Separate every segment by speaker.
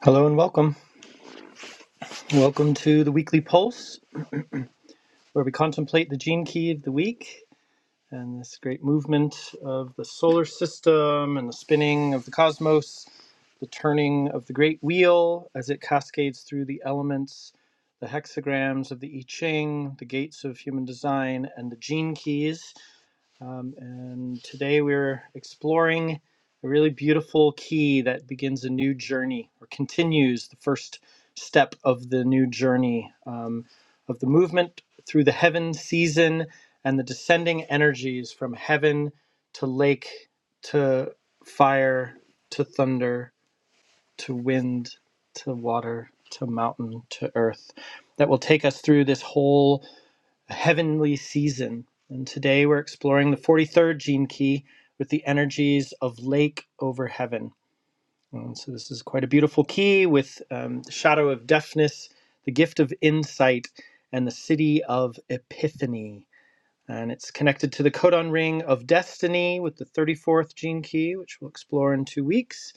Speaker 1: Hello and welcome. Welcome to the weekly pulse, where we contemplate the gene key of the week and this great movement of the solar system and the spinning of the cosmos, the turning of the great wheel as it cascades through the elements, the hexagrams of the I Ching, the gates of human design, and the gene keys. Um, and today we're exploring a really beautiful key that begins a new journey or continues the first step of the new journey um, of the movement through the heaven season and the descending energies from heaven to lake to fire to thunder to wind to water to mountain to earth that will take us through this whole heavenly season. And today we're exploring the 43rd gene key with the energies of lake over heaven. And so this is quite a beautiful key with um, the shadow of deafness, the gift of insight, and the city of epiphany. And it's connected to the codon ring of destiny with the 34th gene key, which we'll explore in two weeks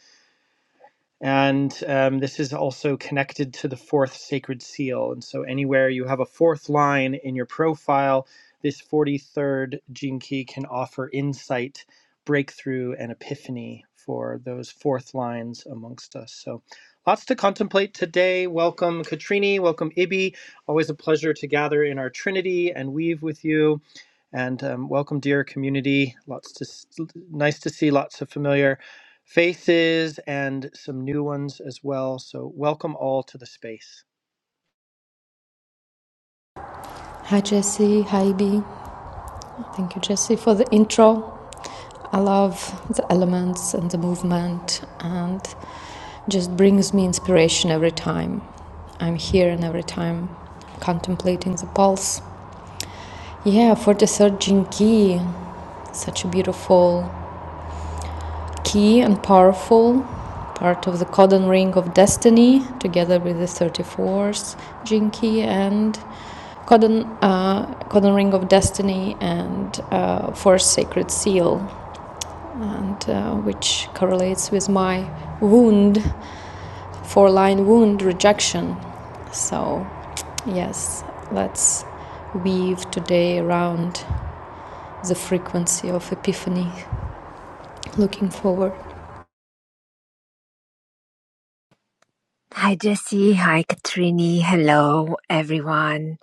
Speaker 1: and um, this is also connected to the fourth sacred seal. And so, anywhere you have a fourth line in your profile, this 43rd gene key can offer insight, breakthrough, and epiphany for those fourth lines amongst us. So, lots to contemplate today. Welcome, Katrini. Welcome, Ibi. Always a pleasure to gather in our Trinity and weave with you. And um, welcome, dear community. Lots to nice to see lots of familiar faces and some new ones as well. So, welcome all to the space.
Speaker 2: Hi, Jesse. Hi, B. Thank you, Jesse, for the intro. I love the elements and the movement, and just brings me inspiration every time I'm here and every time contemplating the pulse. Yeah, 43rd Jinki, such a beautiful key and powerful part of the codon ring of destiny together with the 34th gene key and codon, uh, codon ring of destiny and uh, force sacred seal and uh, which correlates with my wound four line wound rejection so yes let's weave today around the frequency of epiphany looking forward
Speaker 3: Hi, Jesse. Hi, Katrini. Hello, everyone.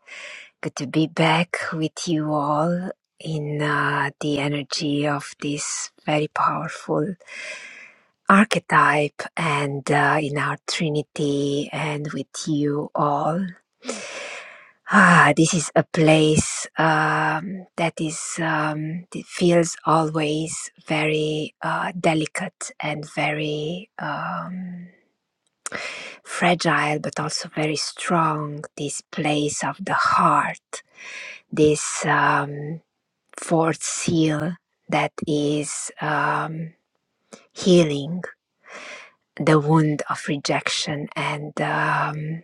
Speaker 3: Good to be back with you all in uh, the energy of this very powerful archetype and uh, in our Trinity and with you all. Ah, this is a place um, that is um, it feels always very uh, delicate and very. Um, fragile but also very strong, this place of the heart, this um, fourth seal that is um, healing the wound of rejection. And um,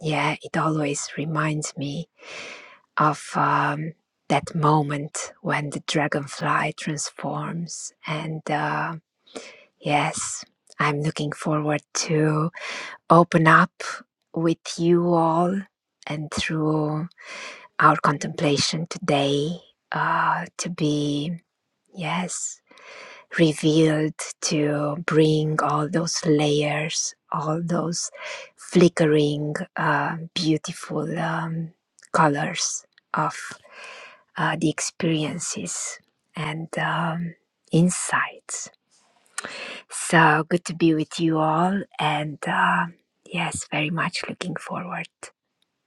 Speaker 3: yeah, it always reminds me of um, that moment when the dragonfly transforms. And uh, yes, I'm looking forward to open up with you all and through our contemplation today uh, to be, yes, revealed to bring all those layers, all those flickering, uh, beautiful um, colors of uh, the experiences and um, insights. So good to be with you all and. Uh, Yes, very much looking forward.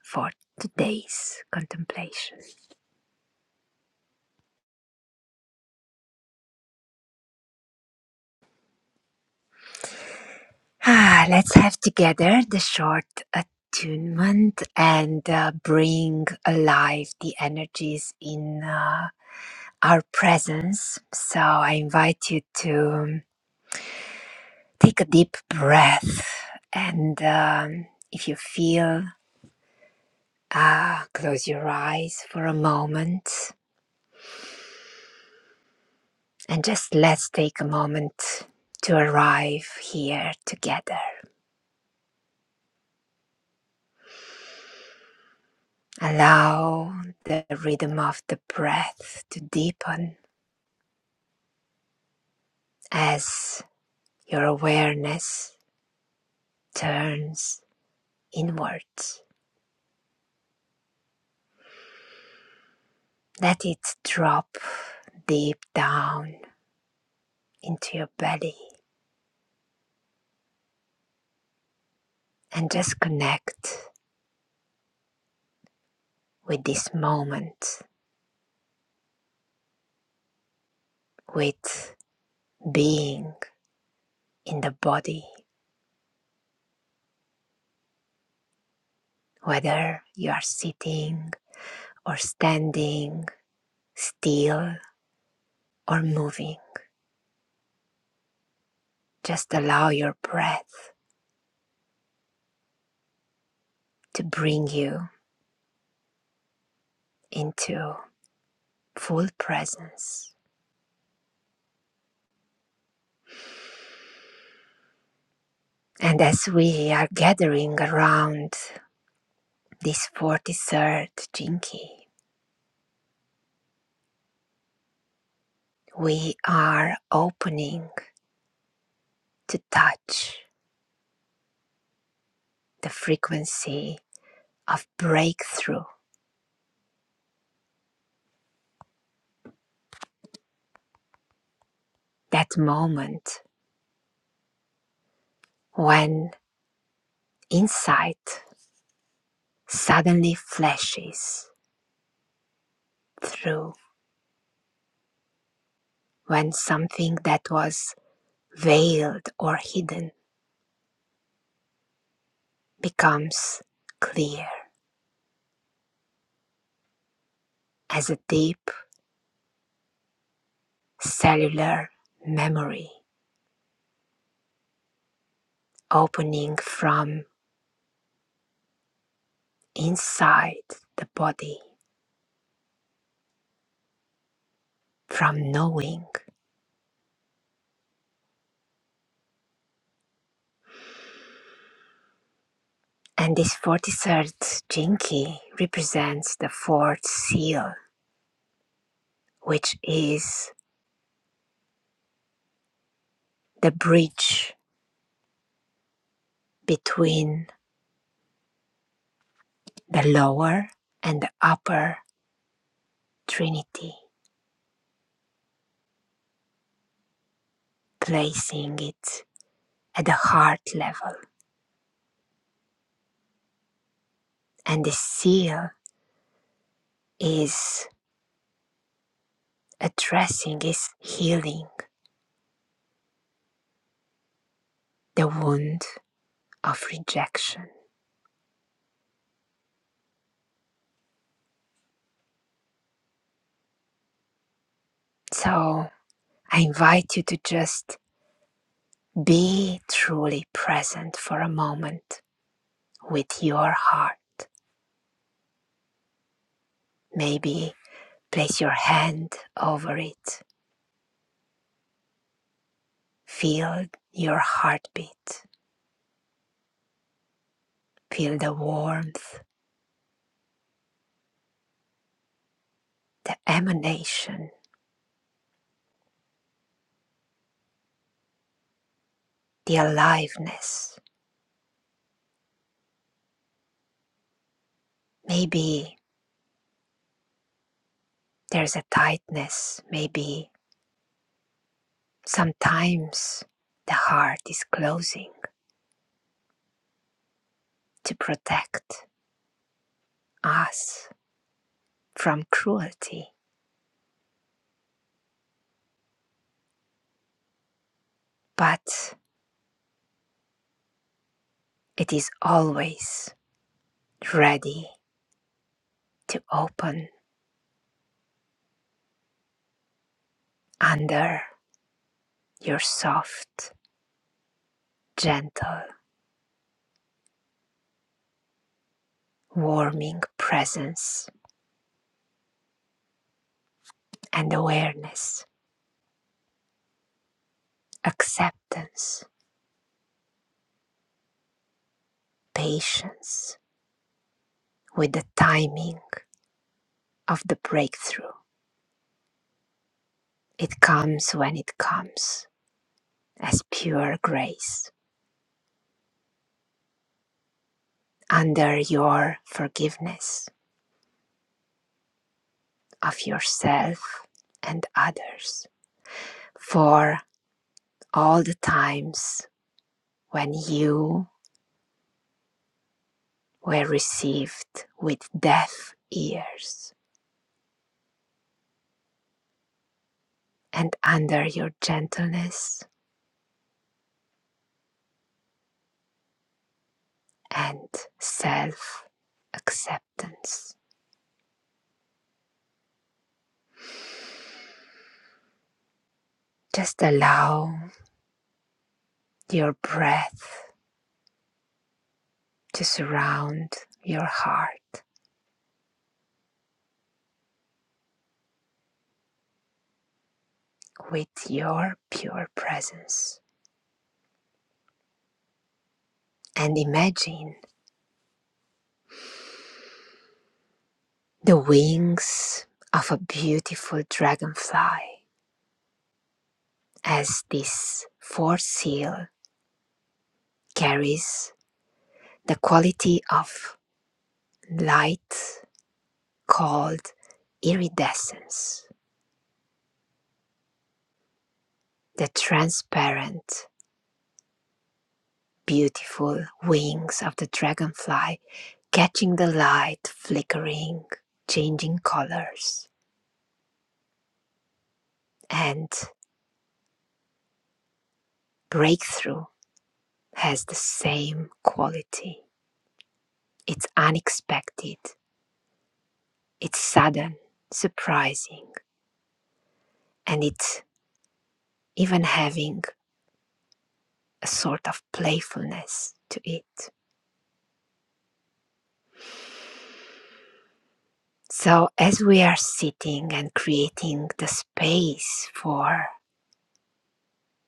Speaker 3: for today's contemplation. Ah, let's have together the short attunement and uh, bring alive the energies in uh, our presence. So I invite you to take a deep breath and um, if you feel, uh, close your eyes for a moment and just let's take a moment to arrive here together. Allow the rhythm of the breath to deepen as your awareness turns inwards. Let it drop deep down into your belly and just connect with this moment, with being in the body, whether you are sitting or standing, still or moving. Just allow your breath to bring you into full presence. And as we are gathering around this 43rd Jinki, we are opening to touch the frequency of breakthrough, that moment when insight suddenly flashes through, when something that was veiled or hidden becomes clear as a deep cellular memory opening from inside the body, from knowing. And this 43rd jinki represents the fourth seal, which is the bridge between the lower and the upper trinity, placing it at the heart level. And the seal is addressing, is healing the wound of rejection. So I invite you to just Be truly present for a moment with your heart. Maybe place your hand over it. Feel your heartbeat. Feel the warmth, the emanation, the aliveness. Maybe there's a tightness. Maybe sometimes the heart is closing to protect us from cruelty, but it is always ready to open under your soft, gentle, warming presence and awareness, acceptance, patience with the timing of the breakthrough. It comes when it comes as pure grace under your forgiveness of yourself and others for all the times when you were received with deaf ears, and under your gentleness and self acceptance. Just allow your breath to surround your heart with your pure presence. And imagine the wings of a beautiful dragonfly as this fourth seal carries the quality of light called iridescence. The transparent, beautiful wings of the dragonfly catching the light, flickering, changing colors. And breakthrough has the same quality. It's unexpected, it's sudden, surprising, and it's even having a sort of playfulness to it. So, as we are sitting and creating the space for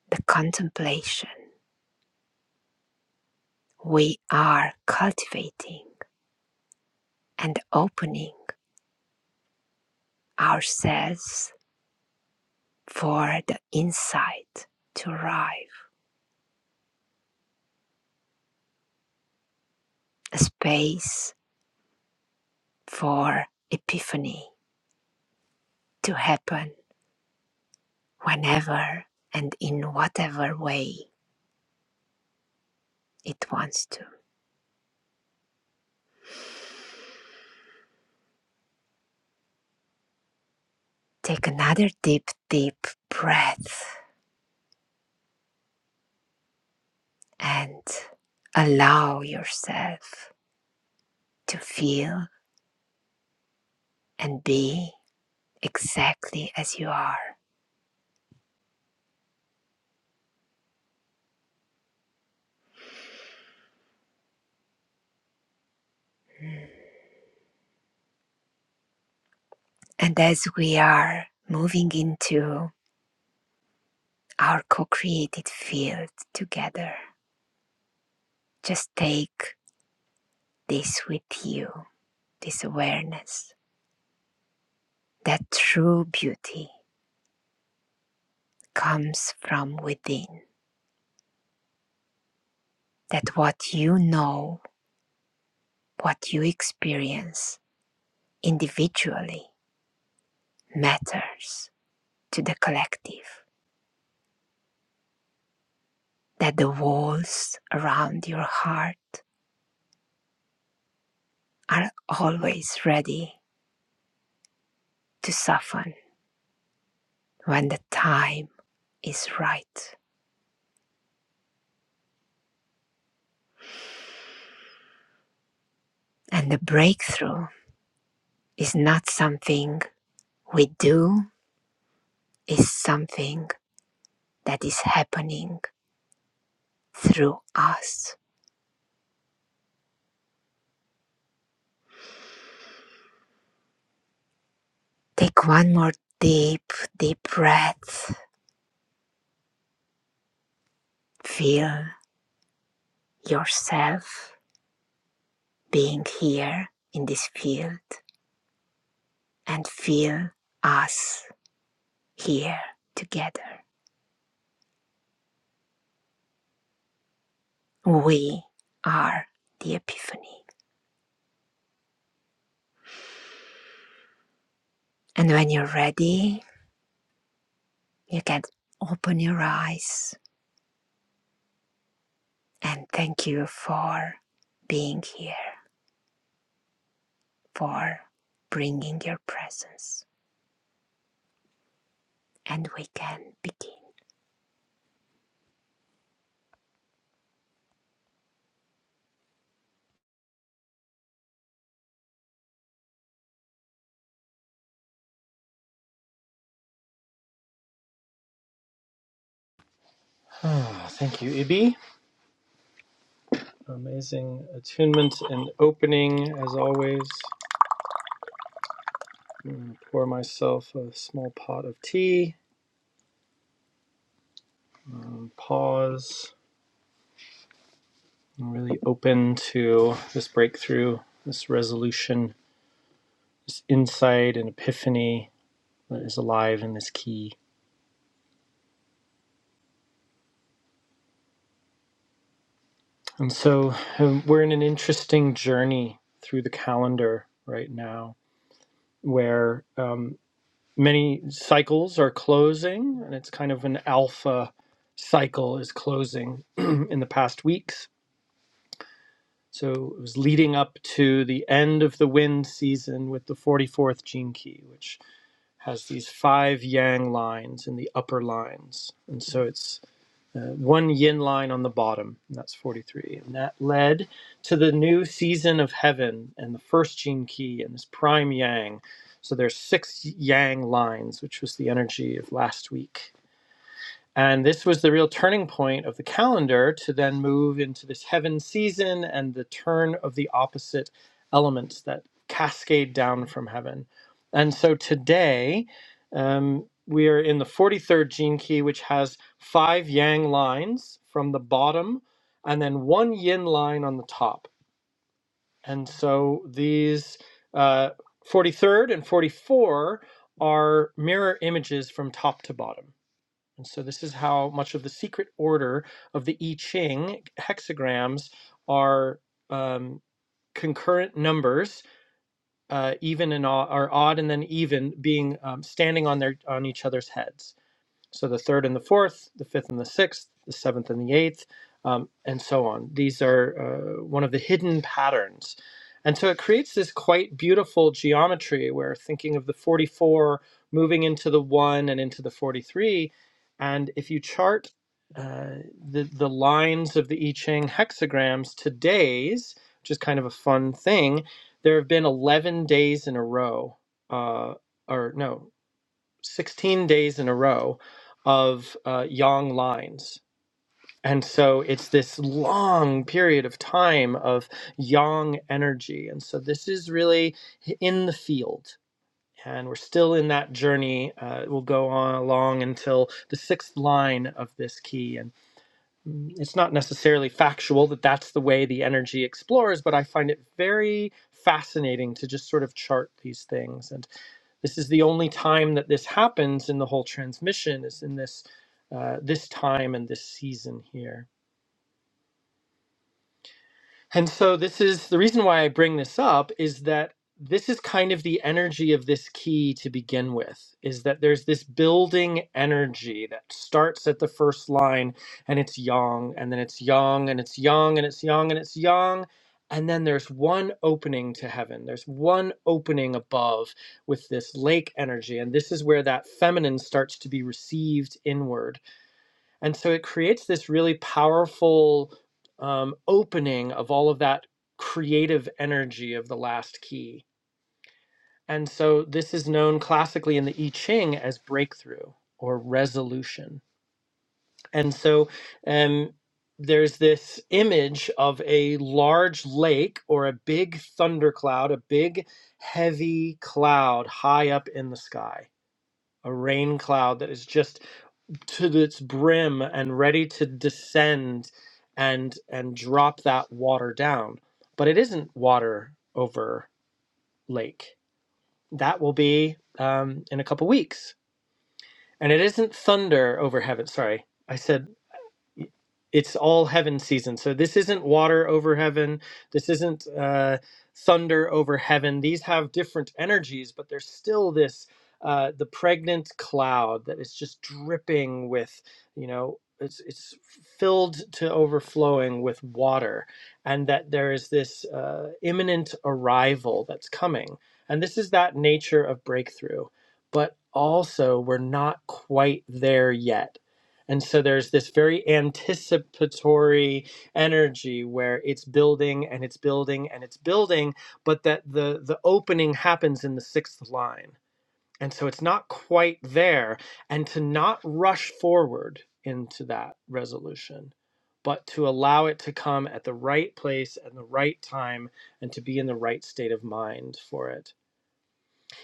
Speaker 3: the contemplation, we are cultivating and opening ourselves for the insight to arrive, a space for epiphany to happen whenever and in whatever way it wants to. Take another deep, deep breath and allow yourself to feel and be exactly as you are. And as we are moving into our co created field together, just take this with you this awareness that true beauty comes from within, that what you know, what you experience individually matters to the collective, that the walls around your heart are always ready to soften when the time is right. And the breakthrough is not something we do, it's something that is happening through us. Take one more deep, deep breath. Feel yourself being here in this field and feel us here together. We are the epiphany. And when you're ready, you can open your eyes and thank you for being here, for bringing your presence. And we can begin.
Speaker 1: Ah, Thank you, Ibi. Amazing attunement and opening as always. Mm, Pour myself a small pot of tea. Um, pause. I'm really open to this breakthrough, this resolution, this insight and epiphany that is alive in this key. And so um, we're in an interesting journey through the calendar right now, where um, many cycles are closing, and it's kind of an alpha cycle is closing in the past weeks. So it was leading up to the end of the wind season with the 44th gene key, which has these five yang lines in the upper lines. And so it's uh, one yin line on the bottom, and that's 43. And that led to the new season of heaven and the first gene key and this prime yang. So there's six yang lines, which was the energy of last week. And this was the real turning point of the calendar to then move into this heaven season and the turn of the opposite elements that cascade down from heaven. And so today, um, we are in the 43rd gene key, which has five yang lines from the bottom and then one yin line on the top. And so these uh, 43rd and 44 are mirror images from top to bottom. And so this is how much of the secret order of the I Ching hexagrams are um, concurrent numbers, uh, even and odd, are odd and then even being um, standing on their on each other's heads. So the third and the fourth, the fifth and the sixth, the seventh and the eighth, um, and so on. These are uh, one of the hidden patterns. And so it creates this quite beautiful geometry where thinking of the 44 moving into the 1 and into the 43. And if you chart uh, the, the lines of the I Ching hexagrams to days, which is kind of a fun thing, there have been 11 days in a row, uh, or no, 16 days in a row of uh, yang lines. And so it's this long period of time of yang energy. And so this is really in the field. And we're still in that journey. Uh, it will go on along until the sixth line of this key. And mm, it's not necessarily factual that that's the way the energy explores, but I find it very fascinating to just sort of chart these things. and. This is the only time that this happens in the whole transmission is in this uh, this time and this season here. And so this is the reason why I bring this up is that this is kind of the energy of this key to begin with is that there's this building energy that starts at the first line and it's yang and then it's yang and it's yang and it's yang and it's yang and then there's one opening to heaven there's one opening above with this lake energy and this is where that feminine starts to be received inward and so it creates this really powerful um, opening of all of that creative energy of the last key. And so this is known classically in the I Ching as breakthrough or resolution. And so um, there's this image of a large lake or a big thundercloud, a big heavy cloud high up in the sky, a rain cloud that is just to its brim and ready to descend and and drop that water down but it isn't water over lake that will be um, in a couple weeks and it isn't thunder over heaven sorry i said it's all heaven season. So this isn't water over heaven. This isn't uh, thunder over heaven. These have different energies, but there's still this uh, the pregnant cloud that is just dripping with, you know, it's it's filled to overflowing with water, and that there is this uh, imminent arrival that's coming. And this is that nature of breakthrough, but also we're not quite there yet and so there's this very anticipatory energy where it's building and it's building and it's building, but that the the opening happens in the sixth line. And so it's not quite there. And to not rush forward into that resolution, but to allow it to come at the right place and the right time and to be in the right state of mind for it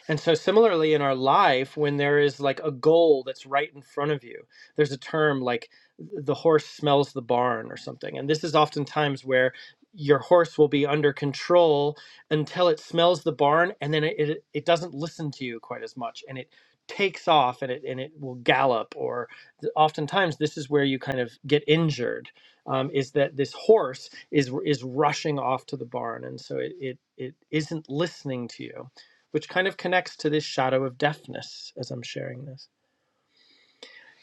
Speaker 1: and so, similarly, in our life, when there is like a goal that's right in front of you, there's a term like the horse smells the barn or something. And this is oftentimes where your horse will be under control until it smells the barn and then it, it, it doesn't listen to you quite as much and it takes off and it, and it will gallop or th- oftentimes this is where you kind of get injured um, is that this horse is is rushing off to the barn and so it, it, it isn't listening to you which kind of connects to this shadow of deafness as I'm sharing this.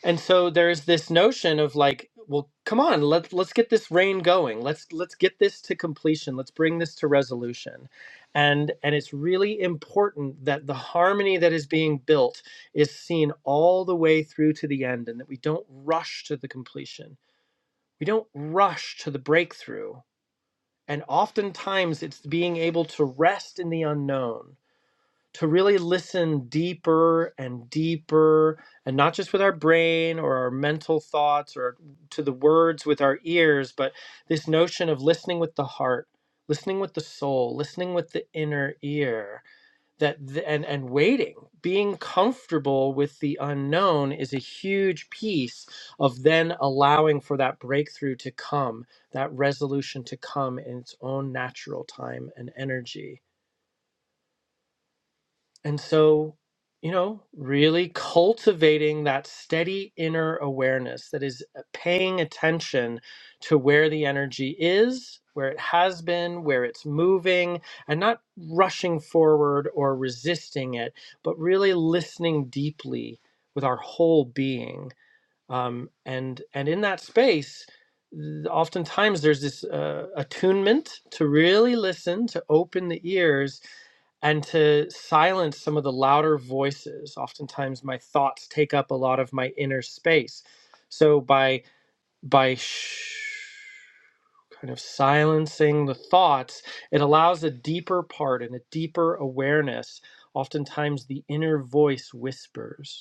Speaker 1: And so there's this notion of like, well, come on, let's let's get this rain going. Let's let's get this to completion. Let's bring this to resolution. And and it's really important that the harmony that is being built is seen all the way through to the end and that we don't rush to the completion. We don't rush to the breakthrough. And oftentimes it's being able to rest in the unknown to really listen deeper and deeper and not just with our brain or our mental thoughts or to the words with our ears but this notion of listening with the heart listening with the soul listening with the inner ear that th- and and waiting being comfortable with the unknown is a huge piece of then allowing for that breakthrough to come that resolution to come in its own natural time and energy and so, you know, really cultivating that steady inner awareness that is uh, paying attention to where the energy is, where it has been, where it's moving, and not rushing forward or resisting it, but really listening deeply with our whole being um, and and in that space th- oftentimes there's this uh, attunement to really listen to open the ears and to silence some of the louder voices oftentimes my thoughts take up a lot of my inner space so by by sh- kind of silencing the thoughts it allows a deeper part and a deeper awareness oftentimes the inner voice whispers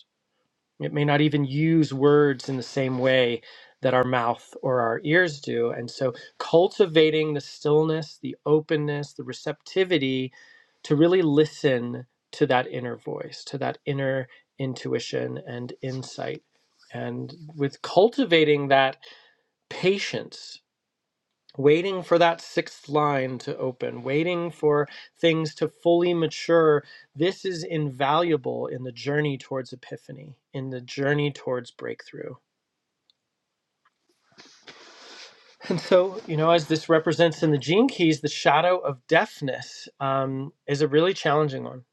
Speaker 1: it may not even use words in the same way that our mouth or our ears do. And so, cultivating the stillness, the openness, the receptivity to really listen to that inner voice, to that inner intuition and insight. And with cultivating that patience waiting for that sixth line to open, waiting for things to fully mature. This is invaluable in the journey towards epiphany, in the journey towards breakthrough. And so, you know, as this represents in the gene keys, the shadow of deafness um, is a really challenging one.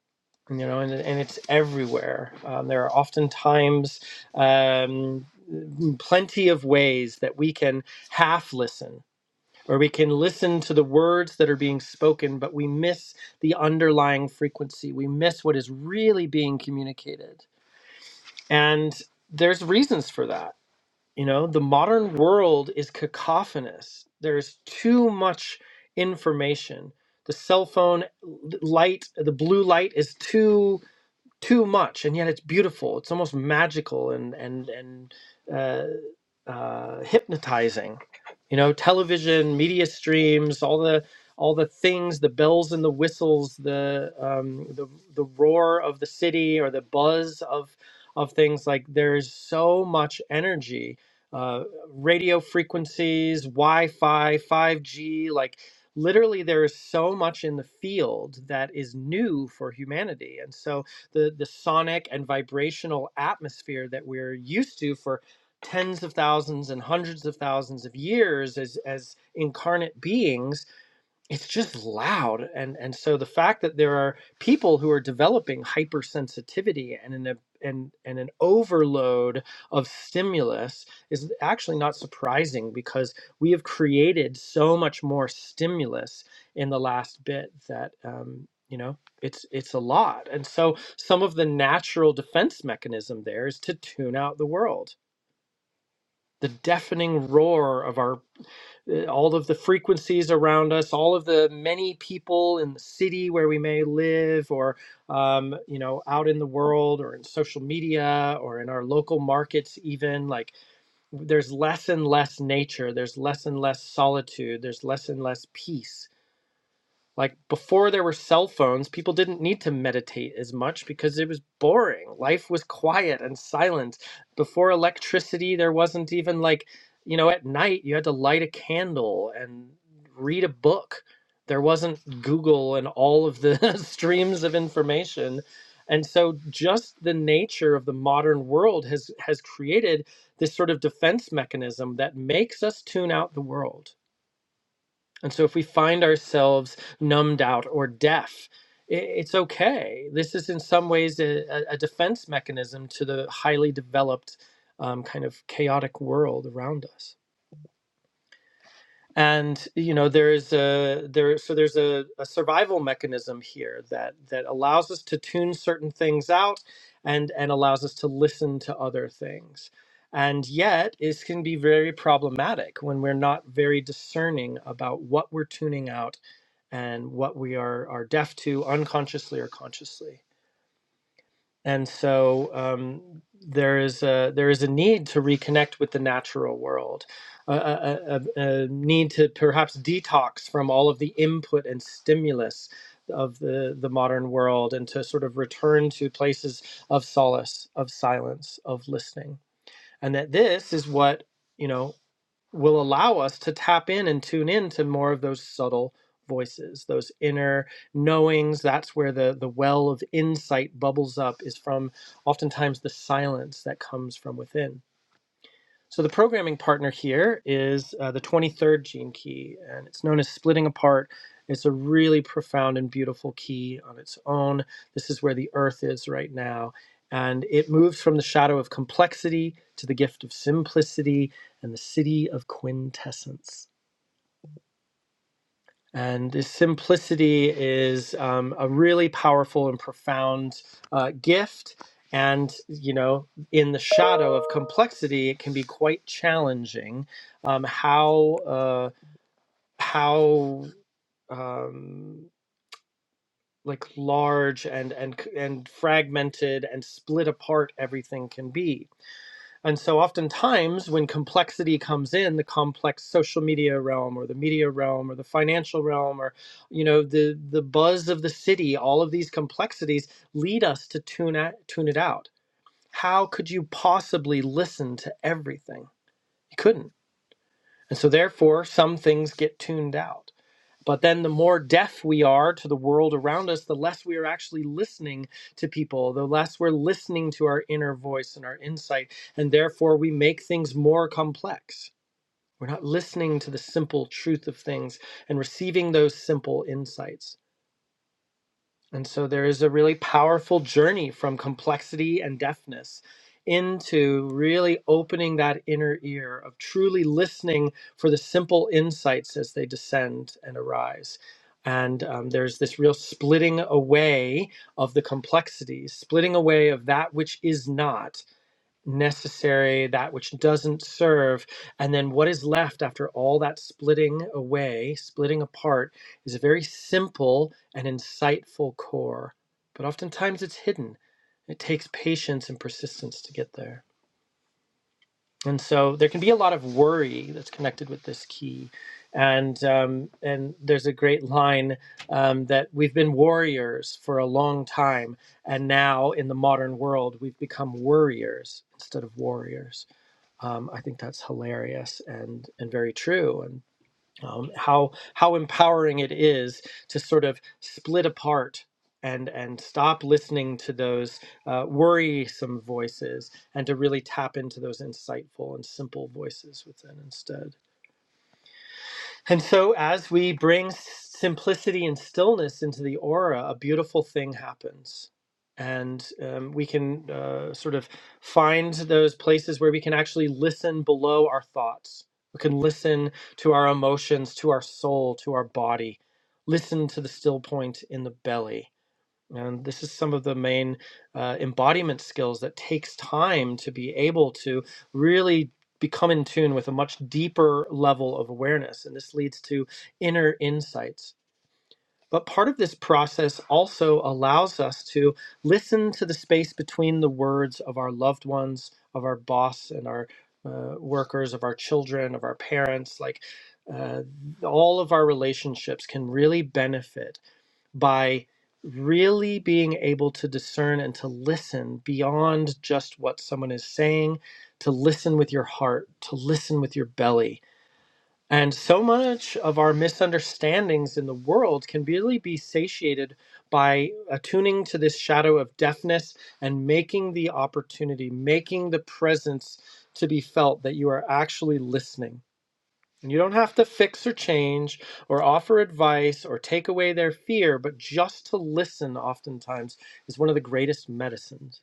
Speaker 1: You know, and, and it's everywhere. Um, there are oftentimes um, plenty of ways that we can half listen where we can listen to the words that are being spoken, but we miss the underlying frequency. We miss what is really being communicated. And there's reasons for that. You know, the modern world is cacophonous, there's too much information. The cell phone light, the blue light is too too much and yet it's beautiful it's almost magical and and and uh, uh, hypnotizing you know television media streams all the all the things the bells and the whistles the um, the, the roar of the city or the buzz of of things like there's so much energy uh, radio frequencies wi-fi 5g like literally there is so much in the field that is new for humanity and so the the sonic and vibrational atmosphere that we're used to for tens of thousands and hundreds of thousands of years as as incarnate beings it's just loud and and so the fact that there are people who are developing hypersensitivity and an and and an overload of stimulus is actually not surprising because we have created so much more stimulus in the last bit that um you know it's it's a lot and so some of the natural defense mechanism there is to tune out the world the deafening roar of our uh, all of the frequencies around us, all of the many people in the city where we may live, or um, you know, out in the world, or in social media, or in our local markets, even like there's less and less nature, there's less and less solitude, there's less and less peace like before there were cell phones, people didn't need to meditate as much because it was boring. Life was quiet and silent. Before electricity, there wasn't even like, you know, at night you had to light a candle and read a book. There wasn't Google and all of the streams of information. And so just the nature of the modern world has has created this sort of defense mechanism that makes us tune out the world and so if we find ourselves numbed out or deaf, it's okay. This is in some ways a, a a defense mechanism to the highly developed um, kind of chaotic world around us and you know there's a there so there's a, a survival mechanism here that that allows us to tune certain things out and and allows us to listen to other things and yet it can be very problematic when we're not very discerning about what we're tuning out and what we are are deaf to unconsciously or consciously and so um, there is a there is a need to reconnect with the natural world, a, a, a, a a need to perhaps detox from all of the input and stimulus of the the modern world, and to sort of return to places of solace, of silence, of listening, and that this is what you know will allow us to tap in and tune in to more of those subtle voices those inner knowings that's where the the well of insight bubbles up is from oftentimes the silence that comes from within so the programming partner here is uh, the 23rd gene key, and it's known as splitting apart. It's a really profound and beautiful key on its own. This is where the earth is right now. And it moves from the shadow of complexity to the gift of simplicity and the city of quintessence. And this simplicity is um, a really powerful and profound uh, gift. And, you know, in the shadow of complexity, it can be quite challenging um, how, uh, how, um, like large and and and fragmented and split apart everything can be and so, oftentimes, when complexity comes in, the complex social media realm, or the media realm, or the financial realm, or you know the the buzz of the city, all of these complexities lead us to tune at tune it out. How could you possibly listen to everything? You couldn't. And so, therefore, some things get tuned out. But then the more deaf we are to the world around us, the less we are actually listening to people, the less we're listening to our inner voice and our insight. And therefore, we make things more complex. We're not listening to the simple truth of things and receiving those simple insights. And so there is a really powerful journey from complexity and deafness into really opening that inner ear of truly listening for the simple insights as they descend and arise. And um, there's this real splitting away of the complexities, splitting away of that which is not, necessary, that which doesn't serve. And then what is left after all that splitting away, splitting apart, is a very simple and insightful core. But oftentimes it's hidden. It takes patience and persistence to get there. And so there can be a lot of worry that's connected with this key. And um, and there's a great line um, that we've been warriors for a long time, and now in the modern world we've become worriers instead of warriors. Um, I think that's hilarious and and very true. And um, how how empowering it is to sort of split apart and and stop listening to those uh, worrisome voices and to really tap into those insightful and simple voices within instead. And so, as we bring simplicity and stillness into the aura, a beautiful thing happens. And um, we can uh, sort of find those places where we can actually listen below our thoughts. We can listen to our emotions, to our soul, to our body. Listen to the still point in the belly and this is some of the main uh, embodiment skills that takes time to be able to really become in tune with a much deeper level of awareness. And this leads to inner insights. But part of this process also allows us to listen to the space between the words of our loved ones, of our boss and our uh, workers, of our children, of our parents. Like uh, all of our relationships can really benefit by really being able to discern and to listen beyond just what someone is saying, to listen with your heart, to listen with your belly. And so much of our misunderstandings in the world can really be satiated by attuning to this shadow of deafness and making the opportunity, making the presence to be felt that you are actually listening and You don't have to fix or change or offer advice or take away their fear, but just to listen oftentimes is one of the greatest medicines.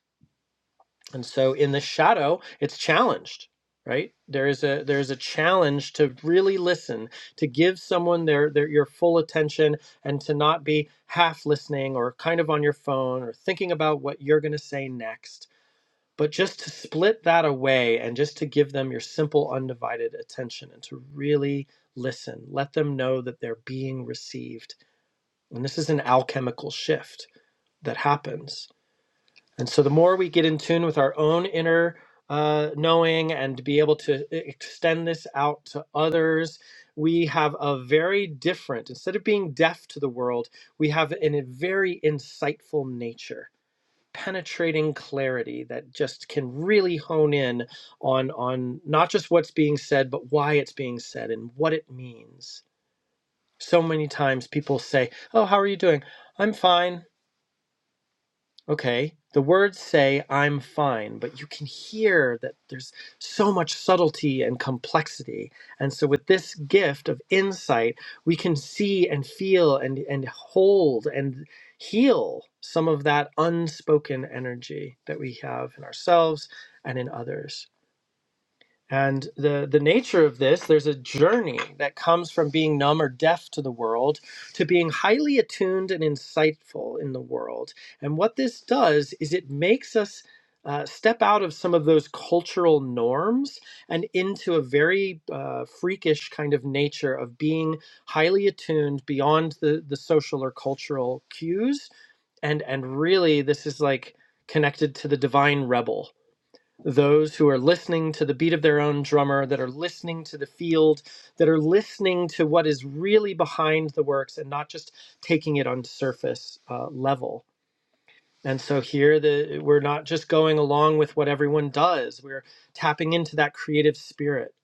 Speaker 1: And so in the shadow, it's challenged, right? There is a there is a challenge to really listen, to give someone their, their your full attention and to not be half listening or kind of on your phone or thinking about what you're going to say next but just to split that away and just to give them your simple, undivided attention and to really listen, let them know that they're being received. And this is an alchemical shift that happens. And so the more we get in tune with our own inner uh, knowing and be able to e- extend this out to others, we have a very different, instead of being deaf to the world, we have an- a very insightful nature penetrating clarity that just can really hone in on on not just what's being said but why it's being said and what it means so many times people say oh how are you doing i'm fine Okay. The words say, I'm fine, but you can hear that there's so much subtlety and complexity. And so, with this gift of insight, we can see and feel and, and hold and heal some of that unspoken energy that we have in ourselves and in others. And the, the nature of this, there's a journey that comes from being numb or deaf to the world to being highly attuned and insightful in the world. And what this does is it makes us uh, step out of some of those cultural norms and into a very uh, freakish kind of nature of being highly attuned beyond the, the social or cultural cues. And, and really, this is like connected to the divine rebel those who are listening to the beat of their own drummer, that are listening to the field, that are listening to what is really behind the works and not just taking it on surface uh, level. And so here, the, we're not just going along with what everyone does, we're tapping into that creative spirit,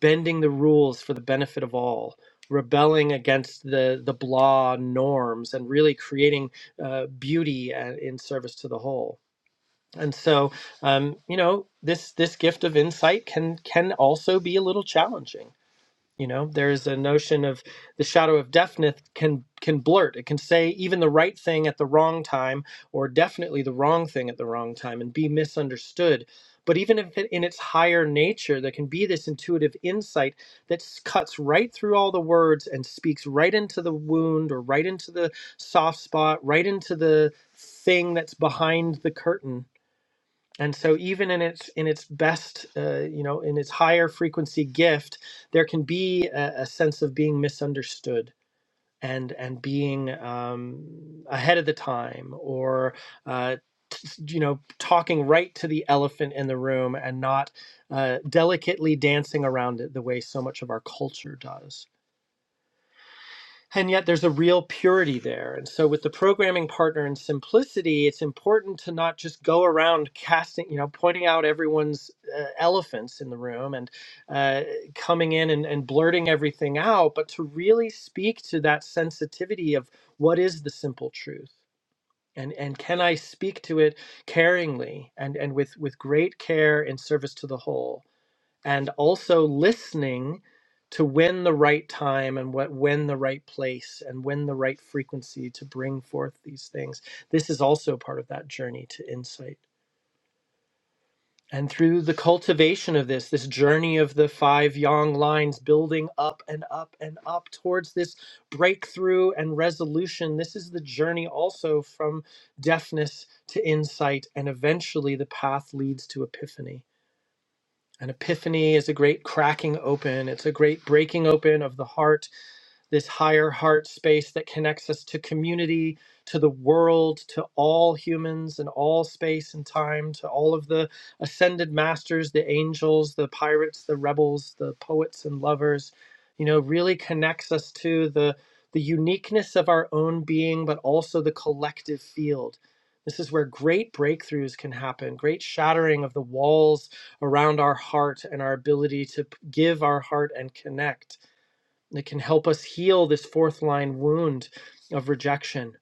Speaker 1: bending the rules for the benefit of all. Rebelling against the the blah norms and really creating uh, beauty uh, in service to the whole and so um, you know this this gift of insight can can also be a little challenging you know there's a notion of the shadow of deafness can can blurt it can say even the right thing at the wrong time or definitely the wrong thing at the wrong time and be misunderstood but even if it, in its higher nature there can be this intuitive insight that s- cuts right through all the words and speaks right into the wound or right into the soft spot right into the thing that's behind the curtain and so even in its in its best uh, you know in its higher frequency gift there can be a, a sense of being misunderstood and and being um, ahead of the time or uh, t- you know talking right to the elephant in the room and not uh, delicately dancing around it the way so much of our culture does and yet there's a real purity there. And so with the programming partner and simplicity, it's important to not just go around casting, you know, pointing out everyone's uh, elephants in the room and uh, coming in and, and blurting everything out, but to really speak to that sensitivity of what is the simple truth. And, and can I speak to it caringly and, and with, with great care in service to the whole? and also listening to when the right time and what when the right place and when the right frequency to bring forth these things this is also part of that journey to insight and through the cultivation of this this journey of the five yang lines building up and up and up towards this breakthrough and resolution this is the journey also from deafness to insight and eventually the path leads to epiphany an epiphany is a great cracking open, it's a great breaking open of the heart this higher heart space that connects us to community, to the world, to all humans and all space and time, to all of the ascended masters, the angels, the pirates, the rebels, the poets and lovers, you know, really connects us to the the uniqueness of our own being, but also the collective field. This is where great breakthroughs can happen, great shattering of the walls around our heart and our ability to give our heart and connect that can help us heal this fourth line wound of rejection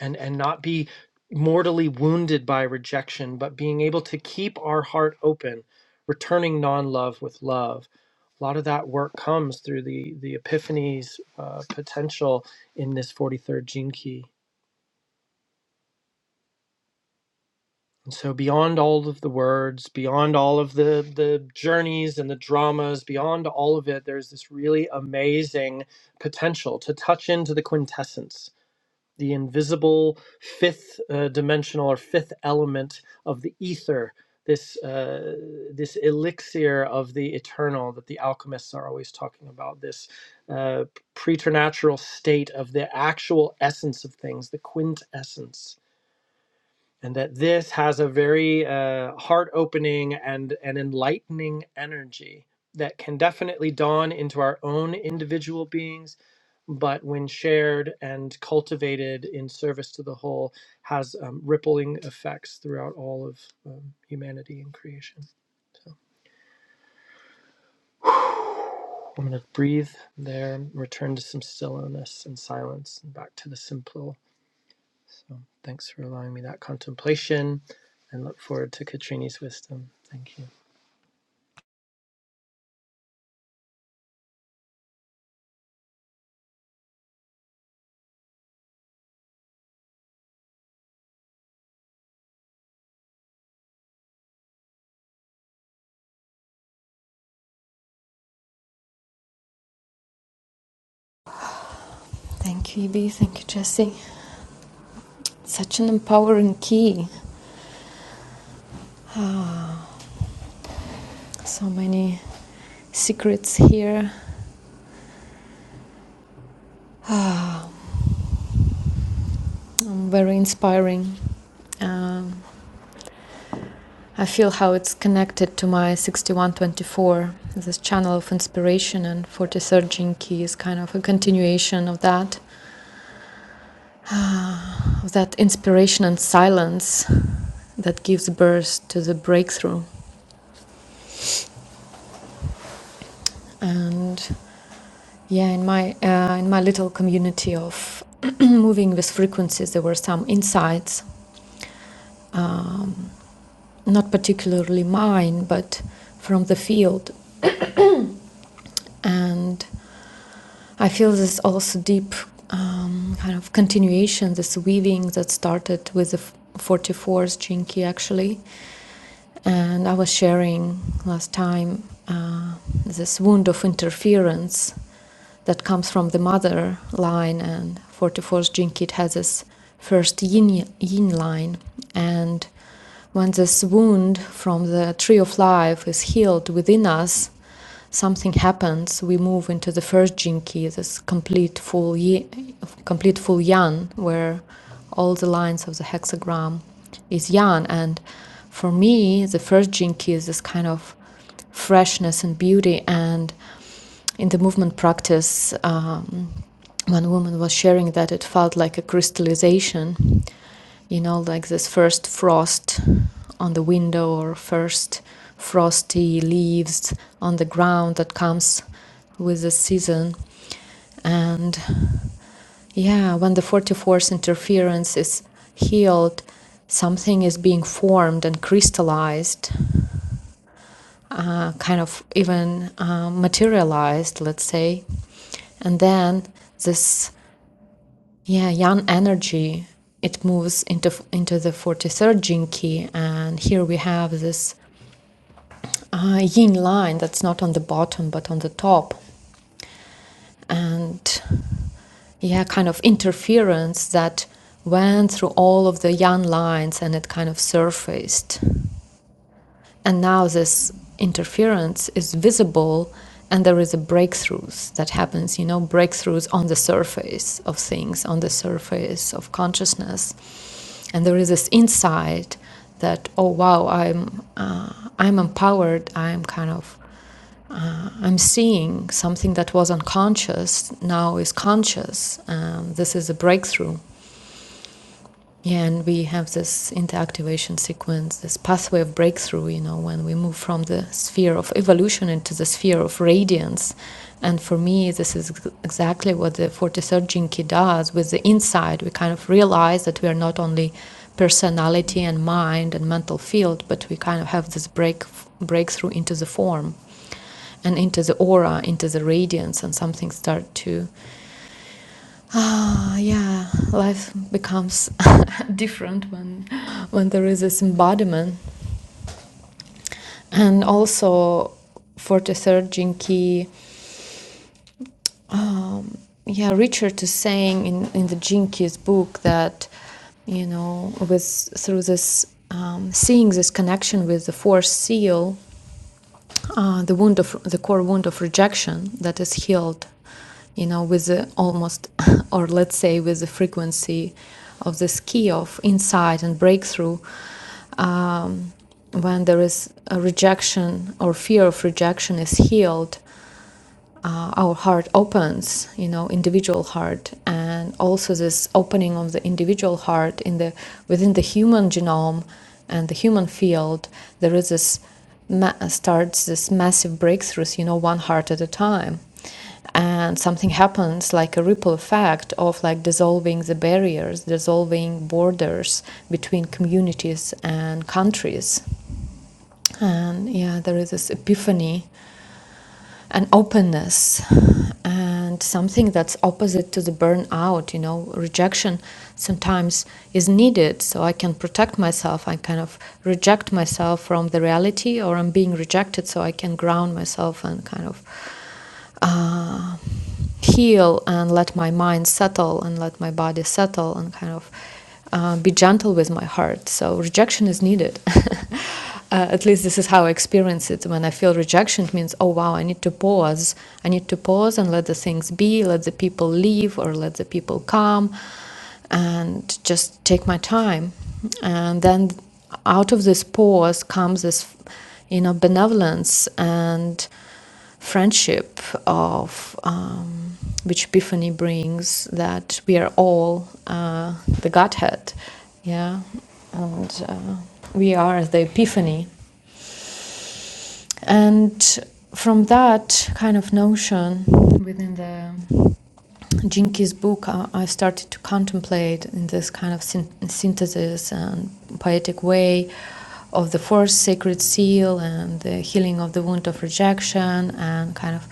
Speaker 1: and and not be mortally wounded by rejection but being able to keep our heart open returning non-love with love a lot of that work comes through the the epiphany's uh, potential in this 43rd gene key and so beyond all of the words beyond all of the the journeys and the dramas beyond all of it there's this really amazing potential to touch into the quintessence the invisible fifth uh, dimensional or fifth element of the ether, this uh, this elixir of the eternal that the alchemists are always talking about, this uh, preternatural state of the actual essence of things, the quintessence and that this has a very uh, heart opening and an enlightening energy that can definitely dawn into our own individual beings but when shared and cultivated in service to the whole has um, rippling effects throughout all of um, humanity and creation so i'm going to breathe there return to some stillness and silence and back to the simple so thanks for allowing me that contemplation and look forward to katrini's wisdom thank you
Speaker 2: thank you ibi thank you jesse Such an empowering key. Ah, so many secrets here. Um, very inspiring. Um, I feel how it's connected to my 6124, this channel of inspiration, and 43rd Gene Key is kind of a continuation of that, of that inspiration and silence that gives birth to the breakthrough. And yeah, in my uh, in my little community of moving with frequencies, there were some insights um, not particularly mine, but from the field. And I feel this also deep um, kind of continuation, this weaving that started with the 44th Jinki actually. And I was sharing last time uh, this wound of interference that comes from the mother line, and 44th Jinki it has this first yin, yin line. And when this wound from the tree of life is healed within us, something happens, we move into the first jinki. this complete full ye- complete full yan, where all the lines of the hexagram is yan. And for me, the first jinki is this kind of freshness and beauty and in the movement practice, um, one woman was sharing that it felt like a crystallization, you know, like this first frost on the window or first frosty leaves on the ground that comes with the season. And yeah, when the 44th interference is healed, something is being formed and crystallized uh, kind of even uh, materialized, let's say. And then this yeah yang energy it moves into into the 43rd gene key, and here we have this uh, yin line that's not on the bottom but on the top, and yeah, kind of interference that went through all of the yang lines and it kind of surfaced And now this interference is visible and there is a breakthroughs that happens, you know, breakthroughs on the surface of things, on the surface of consciousness. And there is this insight that, oh wow, I'm, uh, I'm empowered, I'm kind of, uh, I'm seeing something that was unconscious now is conscious. Um, this is a breakthrough. Yeah, and we have this interactivation sequence, this pathway of breakthrough, you know, when we move from the sphere of evolution into the sphere of radiance. And for me, this is exactly what the 43rd Jinki does with the inside. We kind of realize that we are not only personality and mind and mental field, but we kind of have this break, breakthrough into the form and into the aura, into the radiance, and something start to Ah, yeah, life becomes different when when there is this embodiment, and also forty third Jinki. Um, yeah, Richard is saying in in the Jinki's book that you know with through this um, seeing this connection with the fourth seal uh, the wound of the core wound of rejection that is healed, you know, with the almost, or let's say, with the frequency of this key of insight and breakthrough. Um, when there is a rejection or fear of rejection is healed, uh, our heart opens, you know, individual heart, and also this opening of the individual heart in the within the human genome and the human field, there is this ma- starts this massive breakthroughs, you know, one heart at a time, and something happens like a ripple effect of like dissolving the barriers, dissolving borders between communities and countries, and yeah, there is this epiphany an openness and something that's opposite to the burnout you know rejection sometimes is needed so i can protect myself i kind of reject myself from the reality or i'm being rejected so i can ground myself and kind of uh, heal and let my mind settle and let my body settle and kind of uh, be gentle with my heart. So rejection is needed. Uh, at least this is how I experience it. When I feel rejection, it means, oh wow, I need to pause. I need to pause and let the things be, let the people leave or let the people come and just take my time. And then out of this pause comes this, you know, benevolence and friendship of um, which epiphany brings that we are all uh, the godhead yeah and uh, we are the epiphany and from that kind of notion within the Jinki's book, I, I started to contemplate in this kind of syn- synthesis and poetic way of the fourth sacred seal and the healing of the wound of rejection and kind of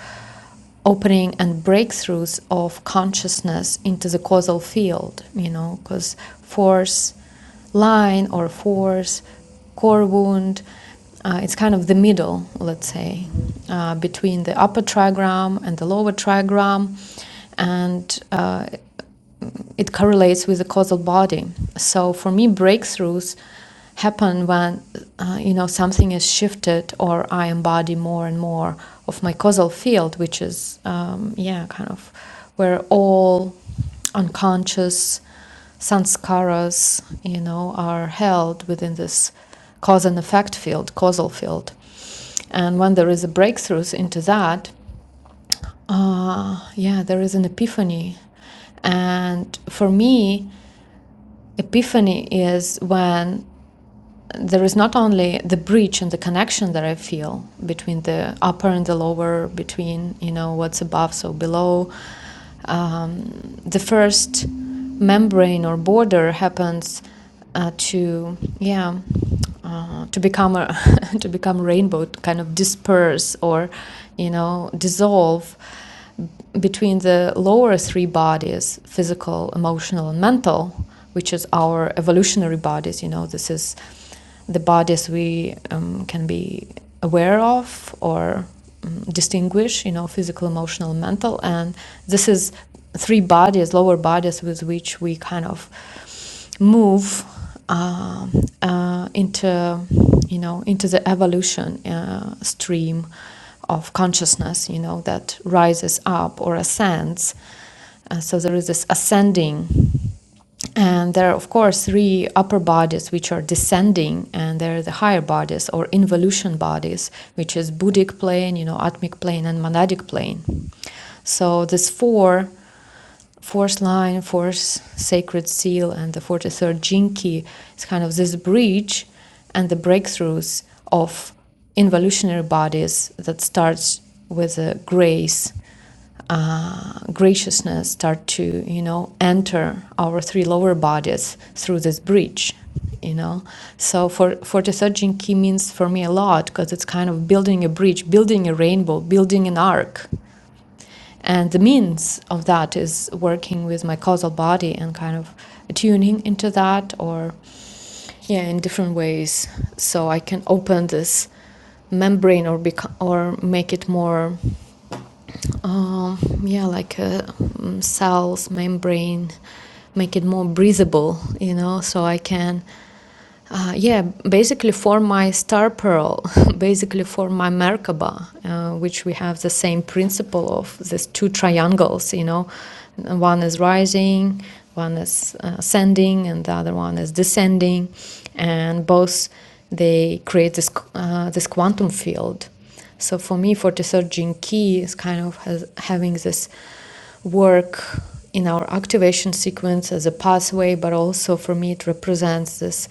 Speaker 2: opening and breakthroughs of consciousness into the causal field, you know, because force line or force core wound, uh, it's kind of the middle, let's say, uh, between the upper trigram and the lower trigram. And uh, it correlates with the causal body. So for me, breakthroughs happen when uh, you know something is shifted, or I embody more and more of my causal field, which is um, yeah, kind of where all unconscious sanskaras, you know, are held within this cause and effect field, causal field. And when there is a breakthroughs into that, uh, yeah, there is an epiphany. And for me, Epiphany is when there is not only the breach and the connection that I feel between the upper and the lower, between you know what's above so below. Um, the first membrane or border happens uh, to yeah uh, to become a to become rainbow, to kind of disperse or you know dissolve between the lower three bodies physical emotional and mental which is our evolutionary bodies you know this is the bodies we um, can be aware of or um, distinguish, you know, physical, emotional, mental. And this is three bodies, lower bodies, with which we kind of move um uh, into, you know, into the evolution uh, stream of consciousness, you know, that rises up or ascends. Uh, so there is this ascending and there are, of course, three upper bodies which are descending, and there are the higher bodies or involution bodies, which is Buddhic plane, you know, Atmic plane, and Monadic plane. So this four, fourth line, fourth sacred seal, and the 43rd Jinki is kind of this bridge and the breakthroughs of involutionary bodies that starts with the grace uh, graciousness start to you know enter our three lower bodies through this bridge, you know so for for the sajin ki means for me a lot because it's kind of building a bridge building a rainbow building an arc and the means of that is working with my causal body and kind of tuning into that or yeah in different ways so i can open this membrane or become or make it more um, yeah, like uh, mm, cells, membrane, make it more breathable, you know, so I can, uh, yeah, basically form my star pearl, basically form my Merkaba, uh, which we have the same principle of these two triangles, you know, one is rising, one is uh, ascending, and the other one is descending, and both they create this uh, this quantum field so for me, 43rd gene Key is kind of has, having this work in our activation sequence as a pathway, but also for me, it represents this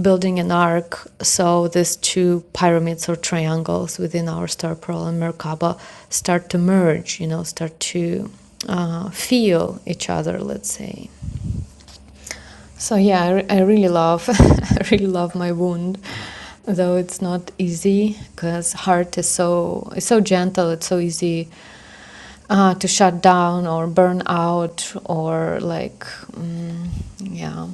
Speaker 2: building an arc. So these two pyramids or triangles within our star pearl and Merkaba start to merge, you know, start to uh, feel each other, let's say. So yeah, I, re- I really love, I really love my wound, though it's not easy because heart is so it's so gentle. It's so easy uh, to shut down or burn out or like mm, yeah,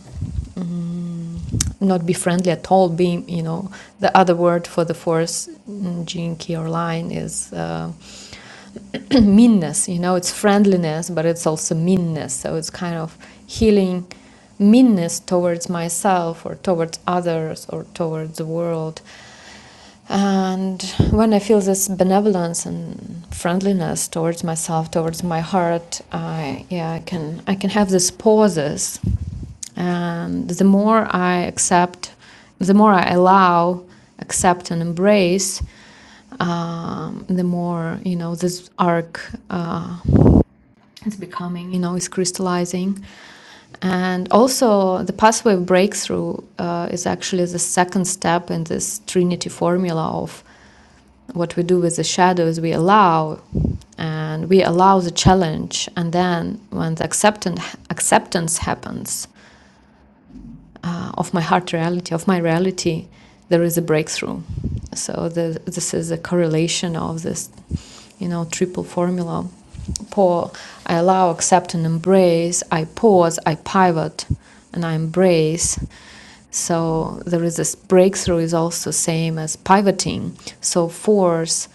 Speaker 2: mm, not be friendly at all. Being you know the other word for the force mm, gene key or line is. Uh, meanness. You know, it's friendliness, but it's also meanness. So it's kind of healing meanness towards myself or towards others or towards the world. And when I feel this benevolence and friendliness towards myself, towards my heart, I yeah, I can I can have these pauses. And the more I accept, the more I allow, accept and embrace, um, the more you know this arc uh, is becoming you know is crystallizing and also the pathway of breakthrough uh, is actually the second step in this trinity formula of what we do with the shadow is we allow and we allow the challenge and then when the acceptance acceptance happens uh, of my heart reality, of my reality, there is a breakthrough. So the, this is a correlation of this, you know, triple formula. Pour, I allow, accept, and embrace. I pause, I pivot, and I embrace. So there is this breakthrough is also same as pivoting. So force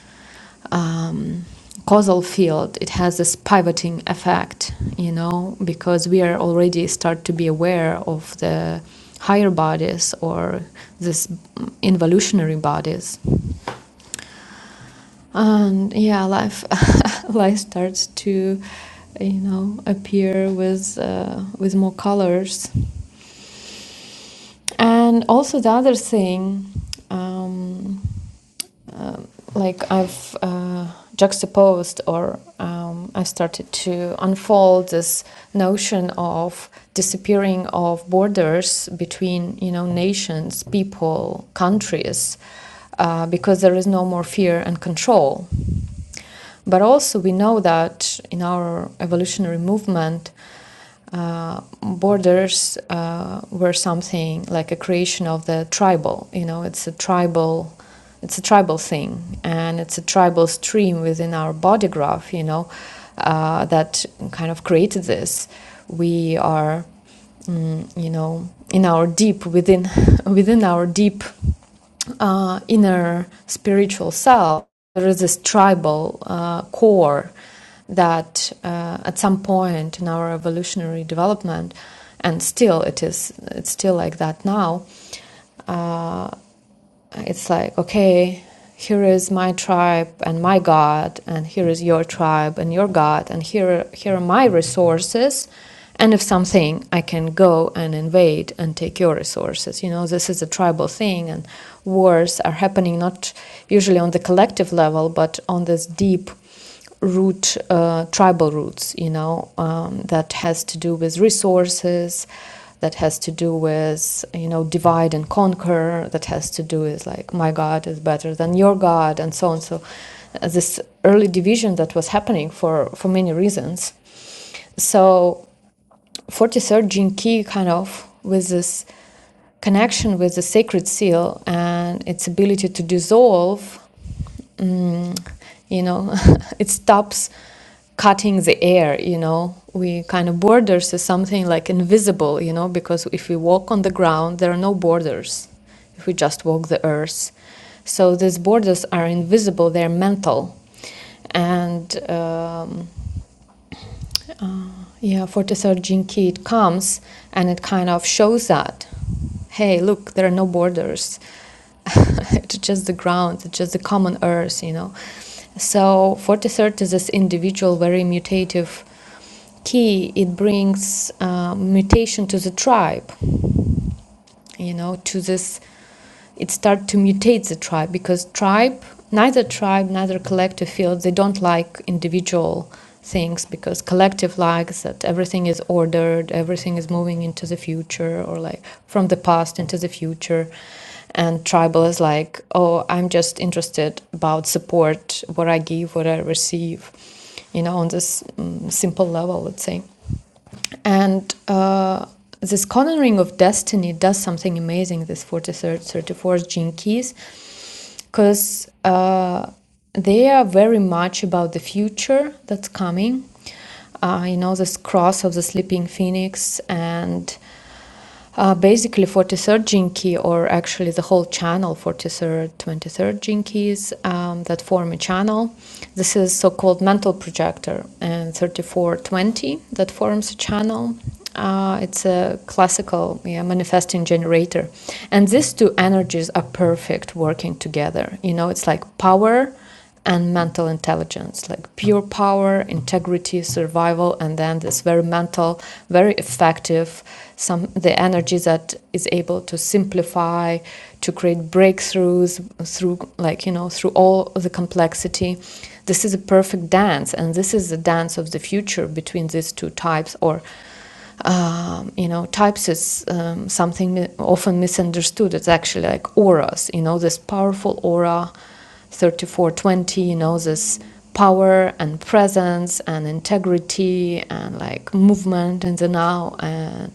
Speaker 2: um, causal field it has this pivoting effect you know because we are already start to be aware of the higher bodies or this involutionary bodies and yeah life life starts to you know appear with uh, with more colors and also the other thing um, uh, like I've uh, juxtaposed or um, I started to unfold this notion of disappearing of borders between you know nations, people, countries, uh, because there is no more fear and control. But also we know that in our evolutionary movement, uh, borders uh, were something like a creation of the tribal. You know, it's a tribal, it's a tribal thing, and it's a tribal stream within our body graph. You know, uh, that kind of created this. We are, mm, you know, in our deep within, within our deep uh, inner spiritual self. There is this tribal uh, core that uh, at some point in our evolutionary development, and still it is, it's still like that now, it's like, okay, here is my tribe and my God, and here is your tribe and your God, and here, here are my resources. And if something, I can go and invade and take your resources. You know, this is a tribal thing, and wars are happening not usually on the collective level, but on this deep root uh, tribal roots you know um, that has to do with resources that has to do with you know divide and conquer that has to do with like my god is better than your god and so on so uh, this early division that was happening for for many reasons so 43rd jinki kind of with this connection with the sacred seal and its ability to dissolve um, you know, it stops cutting the air, you know. We kind of borders is something like invisible, you know, because if we walk on the ground, there are no borders. If we just walk the earth, so these borders are invisible; they're mental, and. um, yeah, Fortesearching key it comes and it kind of shows that, hey, look, there are no borders. it's just the ground, it's just the common earth, you know. So Fortisert is this individual, very mutative key. It brings uh, mutation to the tribe you know, to this, it start to mutate the tribe because tribe, neither tribe, neither collective feel they don't like individual things because collective likes that everything is ordered, everything is moving into the future or like from the past into the future. And tribal is like, oh, I'm just interested about support, what I give, what I receive, you know, on this mm simple level, let's say. And uh, this cornering of destiny does something amazing, this 43rd, 34th gene keys, because uh, they are very much about the future that's coming. Uh, you know, this cross of the sleeping phoenix and uh, basically, 43rd gene key, or actually the whole channel, 43rd, 23rd gene keys um, that form a channel. This is so-called mantle projector, and 3420 that forms a channel. Uh, it's a classical yeah, manifesting generator, and these two energies are perfect working together. You know, it's like power and mental intelligence, like pure power, integrity, survival, and then this very mental, very effective, some the energy that is able to simplify, to create breakthroughs through like you know through all the complexity. This is a perfect dance, and this is the dance of the future between these two types, or um, you know, types is um, something mi- often misunderstood. It's actually like auras, you know, this powerful aura, 3420, you know, this power and presence and integrity and like movement in the now and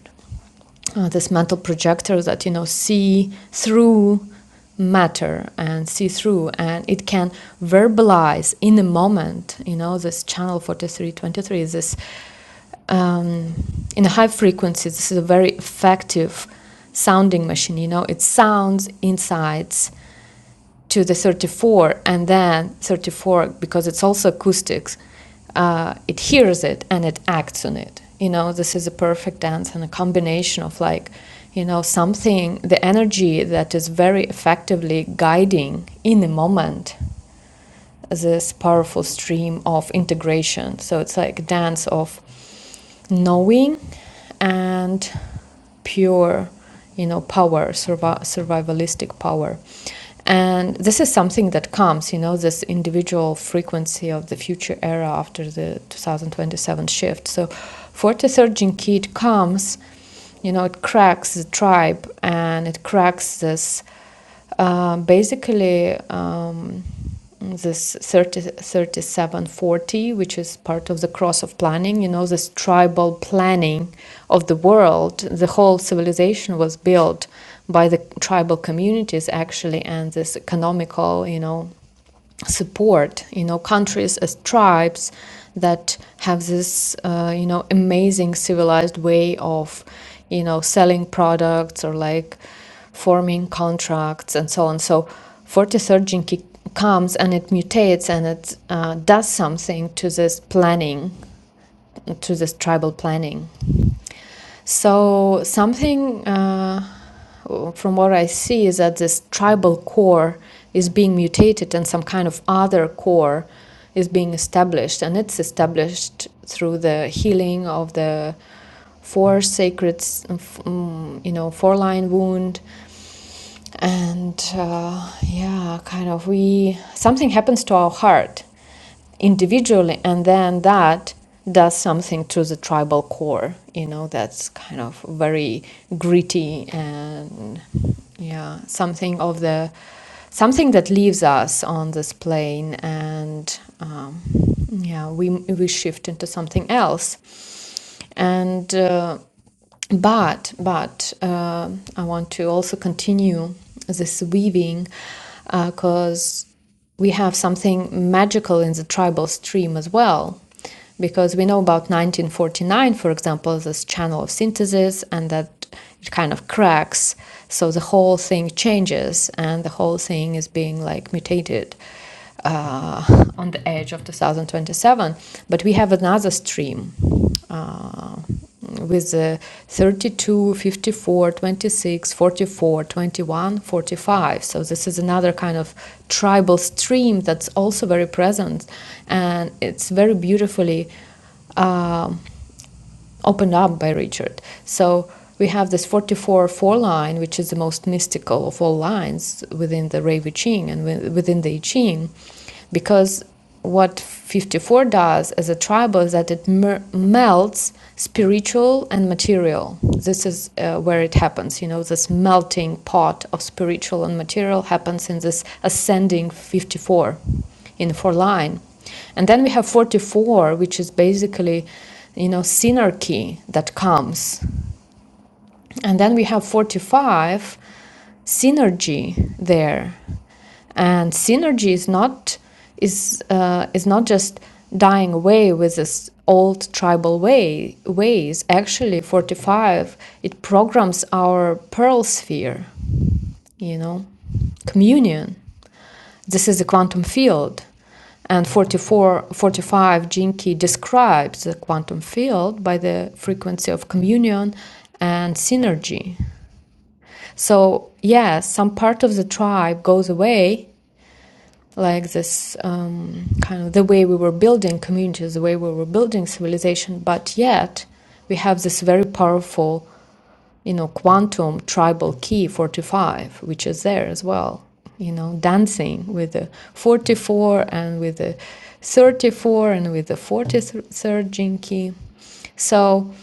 Speaker 2: uh, this mental projector that you know see through matter and see through and it can verbalize in a moment you know this channel 4323 is this um, in a high frequency this is a very effective sounding machine you know it sounds insights to the 34 and then 34 because it's also acoustics uh, it hears it and it acts on it you know this is a perfect dance and a combination of like you know something the energy that is very effectively guiding in the moment this powerful stream of integration. So it's like a dance of knowing and pure, you know, power, survi- survivalistic power. And this is something that comes, you know, this individual frequency of the future era after the 2027 shift. So 43rd Jinkit comes, you know, it cracks the tribe and it cracks this um, basically, um, this thirty thirty seven forty, which is part of the cross of planning, you know, this tribal planning of the world, the whole civilization was built by the tribal communities actually, and this economical, you know support you know countries as tribes that have this uh, you know amazing civilized way of you know selling products or like forming contracts and so on so 43rd jinki comes and it mutates and it uh, does something to this planning to this tribal planning. So something uh, from what I see is that this tribal core is being mutated, and some kind of other core is being established, and it's established through the healing of the four sacred, mm, you know, four line wound and uh, yeah kind of we something happens to our heart individually and then that does something to the tribal core you know that's kind of very gritty and yeah something of the something that leaves us on this plane and um, yeah we we shift into something else and uh, but but uh, I want to also continue this weaving because we have something magical in the tribal stream as well because we know about 1949 for example this channel of synthesis and that it kind of cracks. So the whole thing changes, and the whole thing is being like mutated uh, on the edge of 2027. But we have another stream uh, with the 32, 54, 26, 44, 21, 45. So this is another kind of tribal stream that's also very present, and it's very beautifully. um opened up by Richard. So we have this 44 4 line, which is the most mystical of all lines within the Rei Ching and within the I Ching, because what 54 does as a tribal is that it mer- melts spiritual and material. This is uh, where it happens. You know, this melting pot of spiritual and material happens in this ascending 54 in four line. And then we have 44, which is basically, you know, synergy that comes. And then we have 45, synergy there. And synergy is not is uh, is not just dying away with this old tribal way ways. Actually, 45 it programs our pearl sphere, you know, communion. This is the quantum field. And forty-four, forty-five, 45 describes the quantum field by the frequency of communion and synergy. So, yes, some part of the tribe goes away like this um, kind of the way we were building communities, the way we were building civilization, but yet we have this very powerful, you know, quantum tribal key 45, which is there as well, you know, dancing with the 44 and with the 34 and with the 43rd gene key. So,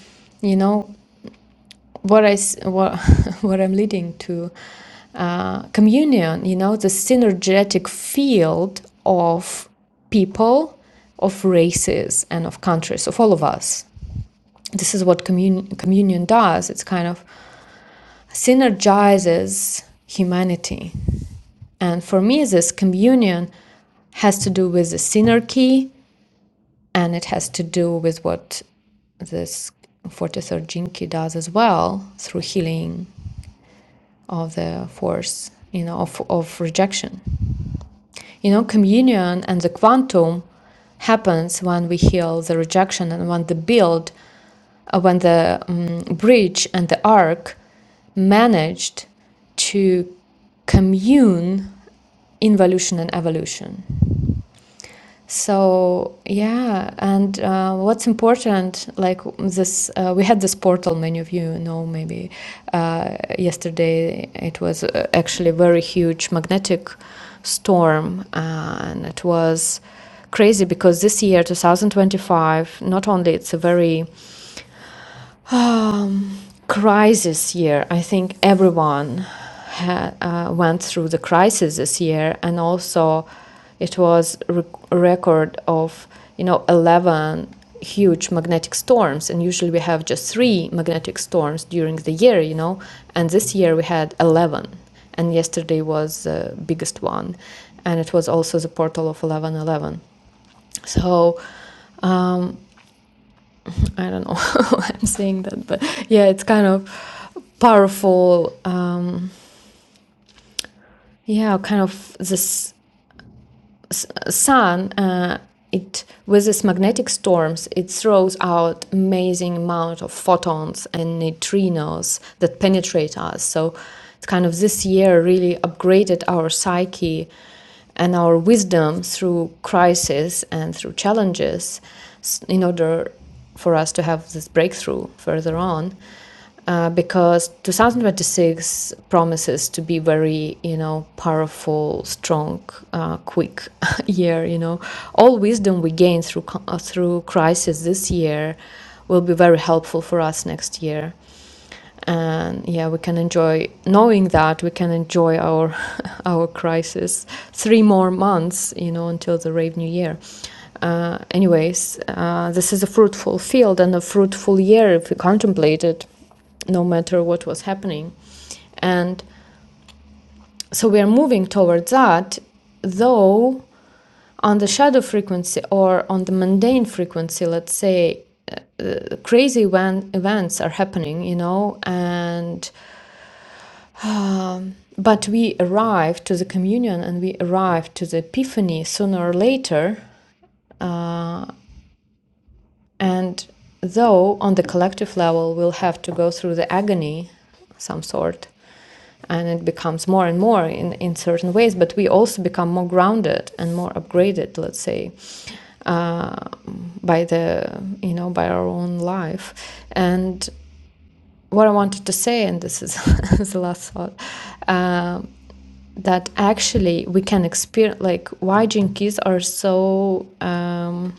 Speaker 2: you know, what I s- what what I'm leading to uh, communion. You know, the synergetic field of people, of races, and of countries, of all of us. This is what commun- communion does. It's kind of synergizes humanity, and for me, this communion has to do with the synergy, and it has to do with what this 43rd Jinki does as well through healing of the force, you know, of, of rejection. You know, communion and the quantum happens when we heal the rejection and when the build, uh, when the um, bridge and the arc managed to commune involution and evolution so yeah, and uh, what's important, like this, uh, we had this portal. Many of you know, maybe uh, yesterday it was uh, actually a very huge magnetic storm, and it was crazy because this year, 2025, not only it's a very um, crisis year. I think everyone had, uh, went through the crisis this year, and also it was rec- a record of you know eleven huge magnetic storms, and usually we have just three magnetic storms during the year, you know, and this year we had eleven, and yesterday was the biggest one, and it was also the portal of eleven eleven. So. um, I don't know why I'm saying that, but yeah, it's kind of powerful. Um, yeah, kind of this sun. Uh, it with these magnetic storms, it throws out amazing amount of photons and neutrinos that penetrate us. So it's kind of this year really upgraded our psyche and our wisdom through crisis and through challenges in order for us to have this breakthrough further on uh, because 2026 promises to be very you know powerful strong uh, quick year you know all wisdom we gain through co- uh, through crisis this year will be very helpful for us next year and yeah we can enjoy knowing that we can enjoy our our crisis three more months you know until the rave new year uh, anyways uh, this is a fruitful field and a fruitful year if we contemplate it no matter what was happening and so we are moving towards that though on the shadow frequency or on the mundane frequency let's say uh, crazy when events are happening you know and Um, but we arrive to the communion and we arrive to the epiphany sooner or later. And though on the collective level we'll have to go through the agony, some sort, and it becomes more and more in, in certain ways, but we also become more grounded and more upgraded, let's say, uh, by the you know by our own life. And what I wanted to say, and this is, the last thought, um, that actually we can experience like why jinkies are so um,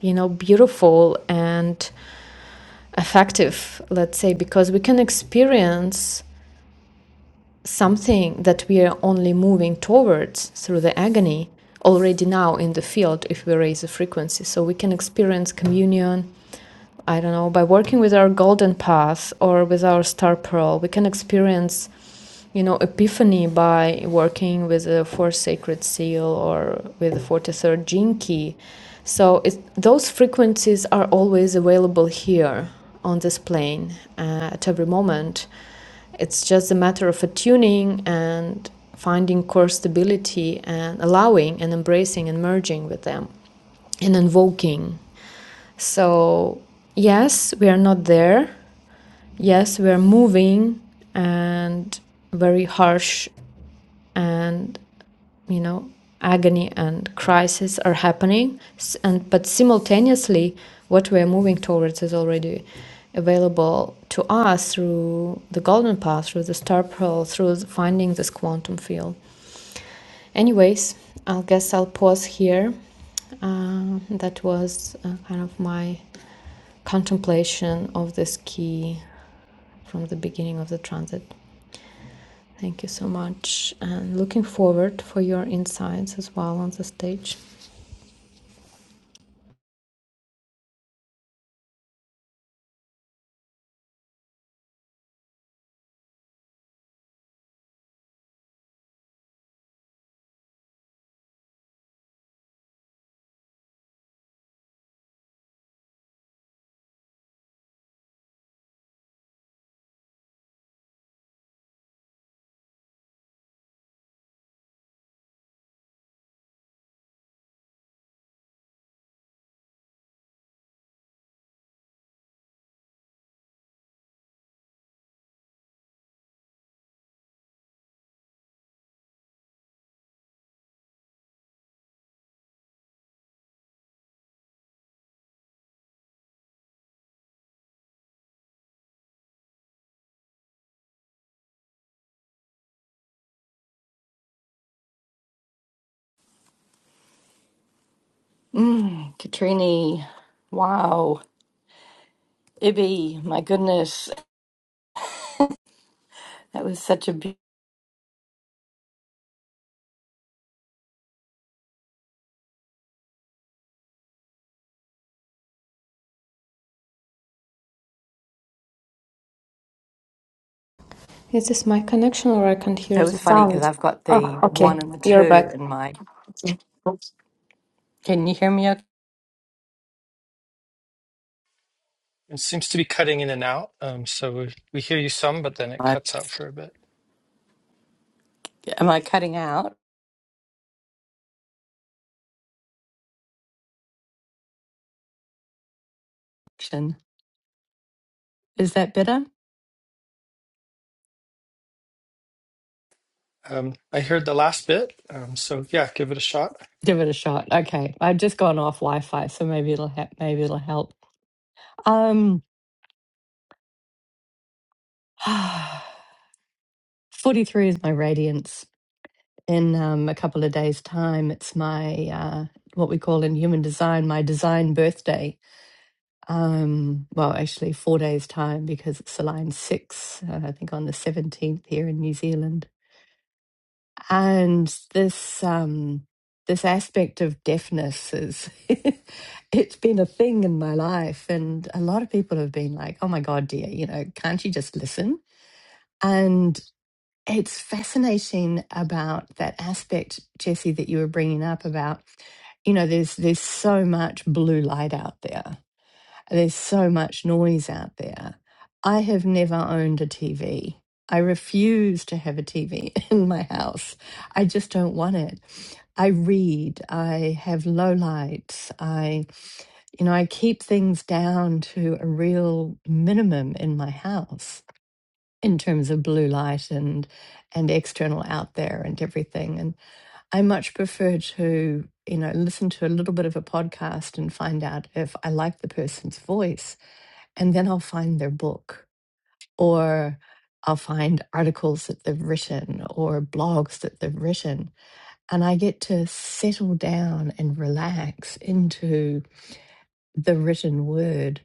Speaker 2: you know beautiful and effective let's say because we can experience something that we are only moving towards through the agony already now in the field if we raise the frequency. So we can experience communion, I don't know, by working with our golden path or with our star pearl. We can experience, you know, epiphany by working with the fourth sacred seal or with the 43rd gene key. So it, those frequencies are always available here on this plane uh, at every moment it's just a matter of attuning and finding core stability and allowing and embracing and merging with them and invoking. So, yes, we are not there. Yes, we are moving and very harsh and you know agony and crisis are happening and but simultaneously what we are moving towards is already available to us through the golden path through the star pearl through finding this quantum field anyways i guess i'll pause here uh, that was uh, kind of my contemplation of this key from the beginning of the transit Thank you so much, and looking forward for your insights as well on the stage.
Speaker 4: Mm, Katrini, wow, Ibby, my goodness, that was such a. Be-
Speaker 2: Is this my connection, or I can't
Speaker 4: that
Speaker 2: hear the
Speaker 4: was funny because
Speaker 2: sound?
Speaker 4: I've got
Speaker 2: Oh,
Speaker 4: the
Speaker 2: okay,
Speaker 4: one and the
Speaker 2: you're
Speaker 4: two
Speaker 2: back.
Speaker 4: in my. Can you hear me? Okay?
Speaker 1: It seems to be cutting in and out. Um, so we we hear you some, but then it
Speaker 4: I-
Speaker 1: cuts out for a bit.
Speaker 4: Am I cutting out? Action. Is that better?
Speaker 1: Um, I heard the last bit. Um, so yeah, give it a shot.
Speaker 4: Give it a shot. Okay, I've just gone off Wi-Fi, so maybe it'll ha- maybe it'll help. Um, forty-three is my radiance. In um, a couple of days' time, it's my uh, what we call in human design my design birthday Um, well, actually, four days' time because it's Align 6, uh, I think on the 17th here in New Zealand. And this um, this aspect of deafness is, it's been a thing in my life. And a lot of people have been like, oh my God, dear, you know, can't you just listen? And it's fascinating about that aspect, Jesse, that you were bringing up about, you know, there's there's so much blue light out there there's so much noise out there. I have never owned a TV. I refuse to have a TV in my house. I just don't want it. I read. I have low lights. I, you know, I keep things down to a real minimum in my house in terms of blue light and and external out there and everything. And I much prefer to, you know, listen to a little bit of a podcast and find out if I like the person's voice and then I'll find their book or I'll find articles that they've written or blogs that they've written. And I get to settle down and relax into the written word.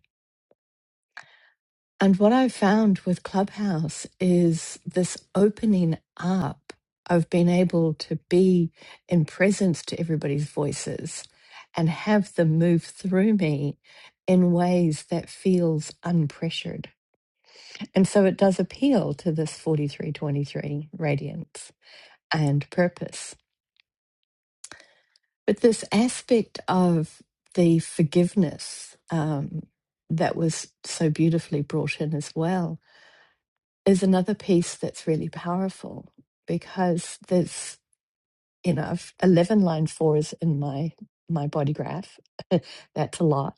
Speaker 4: And what I've found with Clubhouse is this opening up of being able to be in presence to everybody's voices and have them move through me in ways that feels unpressured And so it does appeal to this 4323 radiance and purpose. But this aspect of the forgiveness um, that was so beautifully brought in as well is another piece that's really powerful because there's, you know, I've- 11 line four is in my, my body graph. that's a lot.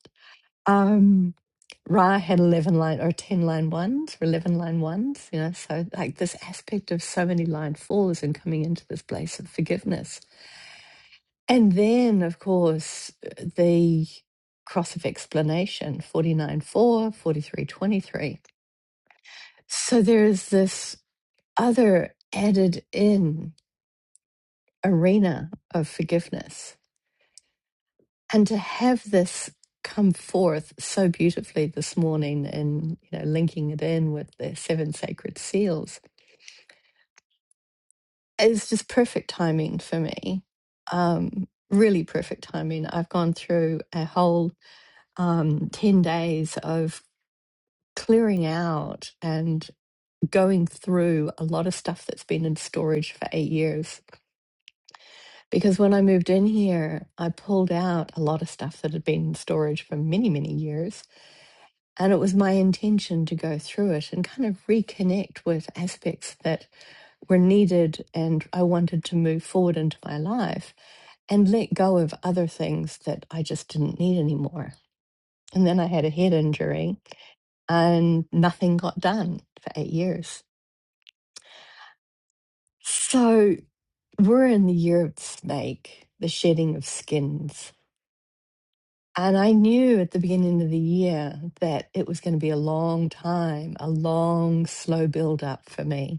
Speaker 4: Um, Ra had 11 line or 10 line ones or 11 line ones, you know. So, like, this aspect of so many line fours and coming into this place of forgiveness. And then, of course, the cross of explanation 49 43 23. So, there is this other added in arena of forgiveness and to have this come forth so beautifully this morning and you know linking it in with the seven sacred seals is just perfect timing for me um really perfect timing i've gone through a whole um 10 days of clearing out and going through a lot of stuff that's been in storage for 8 years because when i moved in here i pulled out a lot of stuff that had been in storage for many many years And it was my intention to go through it and kind of reconnect with aspects that were needed and I wanted to move forward into my life and let go of other things that I just didn't need anymore. And then I had a head injury and nothing got done for eight years. So we're in the year of the snake, the shedding of skins. And I knew at the beginning of the year that it was going to be a long time, a long, slow build up for me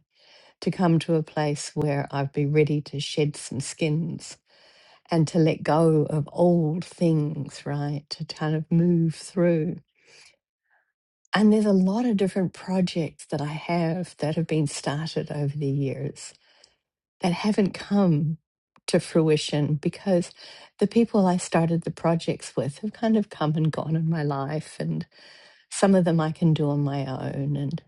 Speaker 4: to come to a place where I'd be ready to shed some skins and to let go of old things, right? To kind of move through. And there's a lot of different projects that I have that have been started over the years that haven't come to fruition because the people I started the projects with have kind of come and gone in my life, and some of them I can do on my own. And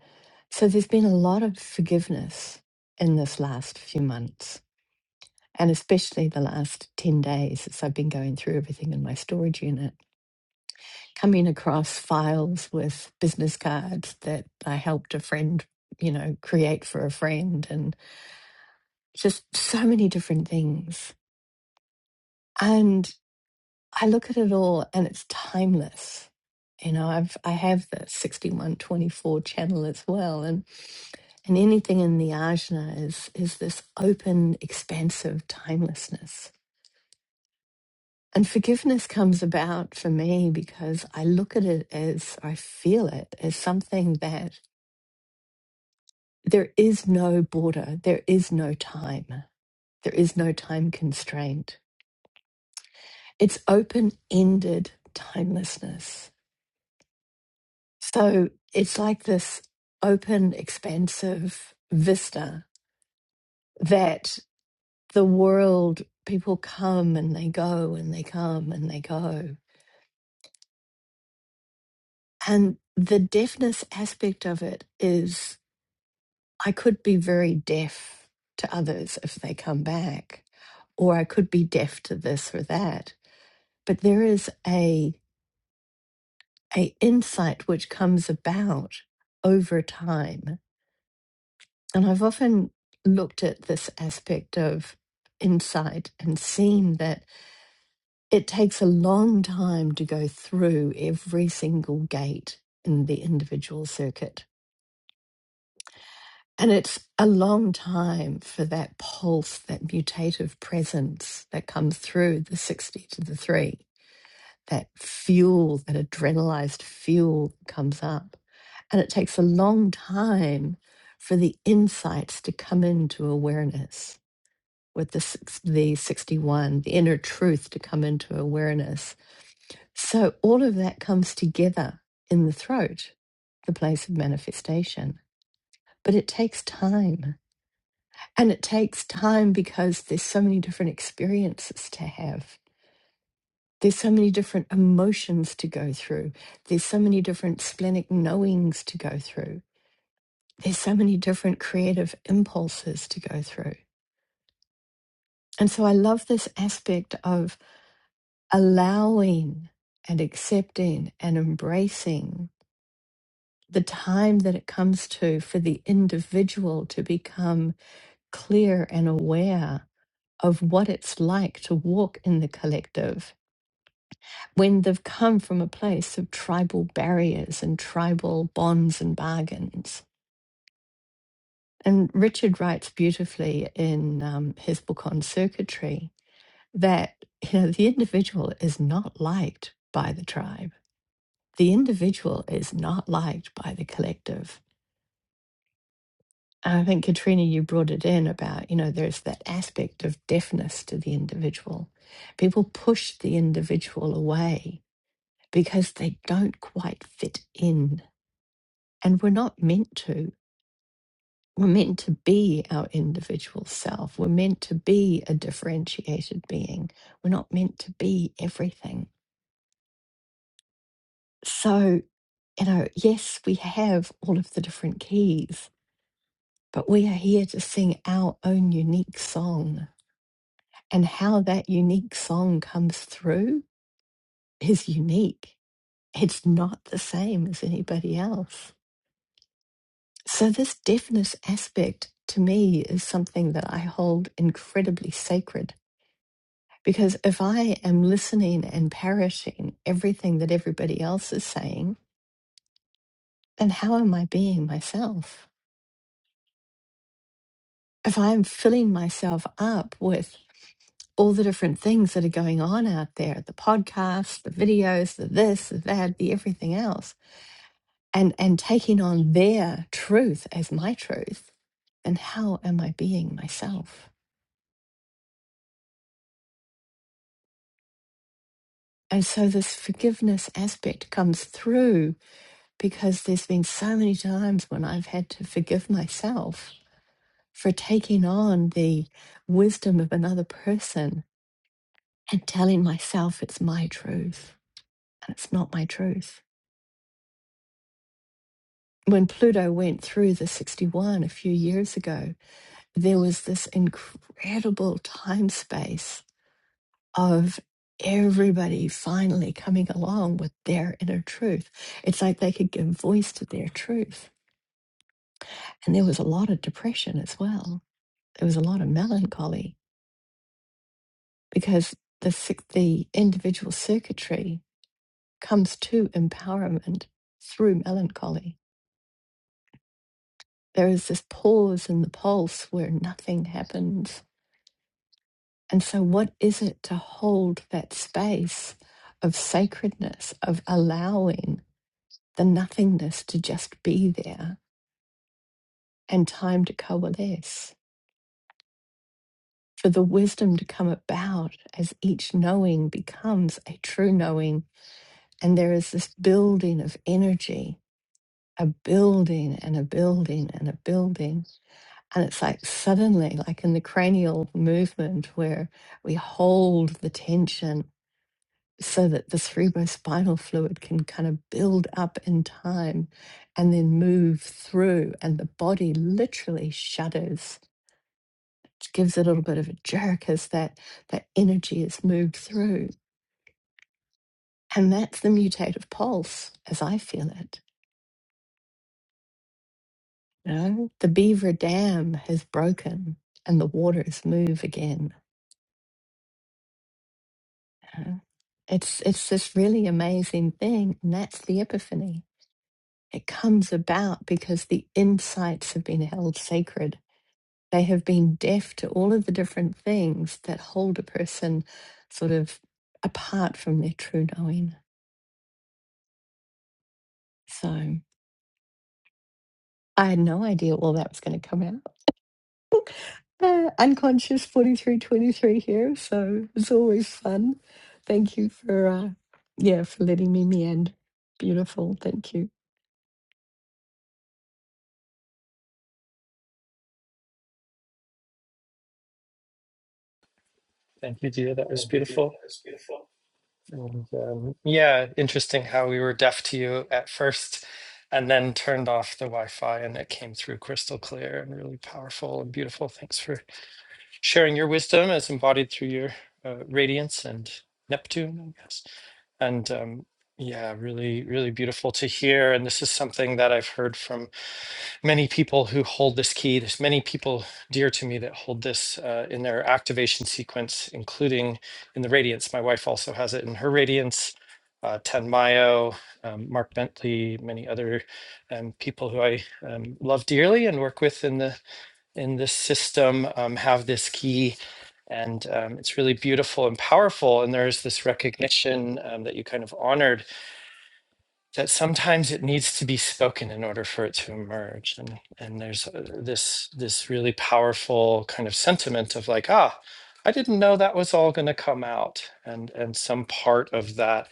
Speaker 4: so there's been a lot of forgiveness in this last few months and especially the last 10 days as I've been going through everything in my storage unit, coming across files with business cards that I helped a friend, you know, create for a friend and just so many different things. And I look at it all and it's timeless. You know, I've I have the sixty one twenty four channel as well, and and anything in the ajna is is this open, expansive timelessness And forgiveness comes about for me because I look at it as I feel it as something that there is no border, there is no time, there is no time constraint. It's open ended timelessness. So it's like this open, expansive vista that the world, people come and they go and they come and they go. And the deafness aspect of it is I could be very deaf to others if they come back, or I could be deaf to this or that. But there is a a insight which comes about over time. And I've often looked at this aspect of insight and seen that it takes a long time to go through every single gate in the individual circuit And it's a long time for that pulse, that mutative presence that comes through the 60 to the 3, that fuel, that adrenalized fuel comes up. And it takes a long time for the insights to come into awareness with the, six- the 61, the inner truth to come into awareness. So all of that comes together in the throat, the place of manifestation. But it takes time and it takes time because there's so many different experiences to have. There's so many different emotions to go through. There's so many different splenic knowings to go through. There's so many different creative impulses to go through. And so I love this aspect of allowing and accepting and embracing the time that it comes to for the individual to become clear and aware of what it's like to walk in the collective when they've come from a place of tribal barriers and tribal bonds and bargains. And Richard writes beautifully in um, his book on circuitry that you know the individual is not liked by the tribe. The individual is not liked by the collective. And I think Katrina, you brought it in about you know there's that aspect of deafness to the individual. People push the individual away because they don't quite fit in And we're not meant to. We're meant to be our individual self. We're meant to be a differentiated being. We're not meant to be everything. So, you know, yes, we have all of the different keys, but we are here to sing our own unique song. And how that unique song comes through is unique. It's not the same as anybody else. So, this deafness aspect to me is something that I hold incredibly sacred Because if I am listening and parroting everything that everybody else is saying, then how am I being myself? If I'm filling myself up with all the different things that are going on out there, the podcasts, the videos, the this, the that, the everything else, and, and taking on their truth as my truth, then how am I being myself? And so this forgiveness aspect comes through because there's been so many times when I've had to forgive myself for taking on the wisdom of another person and telling myself it's my truth and it's not my truth. When Pluto went through the 61 a few years ago, there was this incredible time space of everybody finally coming along with their inner truth. It's like they could give voice to their truth. And there was a lot of depression as well. There was a lot of melancholy because the, six- the individual circuitry comes to empowerment through melancholy. There is this pause in the pulse where nothing happens. And so, what is it to hold that space of sacredness, of allowing the nothingness to just be there and time to coalesce? For the wisdom to come about as each knowing becomes a true knowing. And there is this building of energy, a building and a building and a building And it's like suddenly, like in the cranial movement, where we hold the tension so that the cerebrospinal fluid can kind of build up in time and then move through. And the body literally shudders, which gives a little bit of a jerk as that, that energy is moved through. And that's the mutative pulse as I feel it. You know, the beaver dam has broken and the waters move again Uh, It's it's this really amazing thing, and that's the epiphany. It comes about because the insights have been held sacred. They have been deaf to all of the different things that hold a person sort of apart from their true knowing. So I had no idea all that was going to come out. Uh, unconscious 4323 here, so it's always fun. Thank you for uh, yeah, for letting me meander. Beautiful, thank you.
Speaker 1: Thank you, dear. That was beautiful. And um, yeah, interesting how we were deaf to you at first and then turned off the Wi Fi and it came through crystal clear and really powerful and beautiful. Thanks for sharing your wisdom as embodied through your uh, radiance and Neptune, I guess. And um, yeah, really, really beautiful to hear. And this is something that I've heard from many people who hold this key. There's many people dear to me that hold this uh, in their activation sequence, including in the Radiance. My wife also has it in her Radiance. Uh, Tan Mayo, um, Mark Bentley, many other um, people who I um, love dearly and work with in the in this system um, have this key, and um, it's really beautiful and powerful. And there's this recognition um, that you kind of honored that sometimes it needs to be spoken in order for it to emerge and and there's uh, this this really powerful kind of sentiment of like ah i didn't know that was all going to come out and and some part of that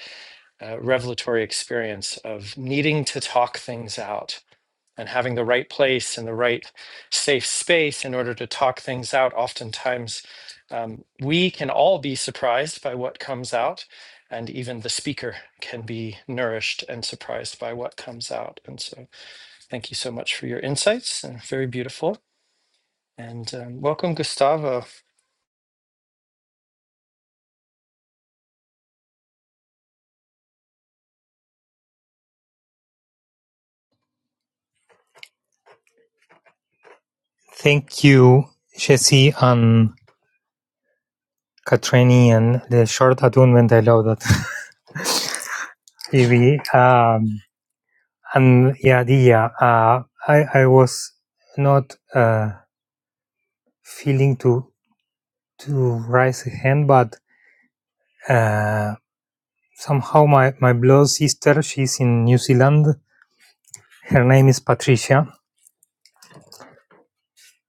Speaker 1: uh, revelatory experience of needing to talk things out and having the right place and the right safe space in order to talk things out. Oftentimes, um, we can all be surprised by what comes out, and even the speaker can be nourished and surprised by what comes out. And so, thank you so much for your insights. And very beautiful. And um, welcome, Gustavo.
Speaker 5: Thank you, Jesse and Katrini, and the short attunement. I love that, Evie. Um, and yeah, the, yeah, uh, I, I was not uh, feeling to to raise a hand, but uh, somehow my, my blood sister, she's in New Zealand. Her name is Patricia.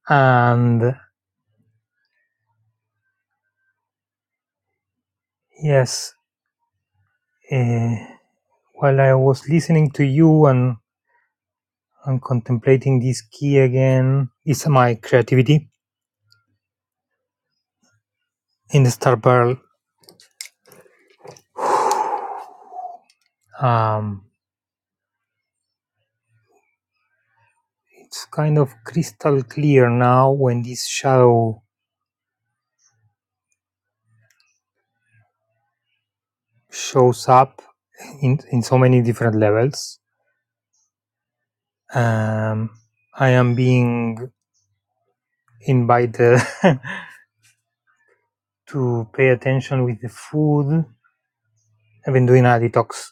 Speaker 5: And yes, uh, while I was listening to you and, and contemplating this key again, it's my creativity in the star pearl um, it's kind of crystal clear now when this shadow shows up in, in so many different levels um, i am being invited to pay attention with the food i've been doing a detox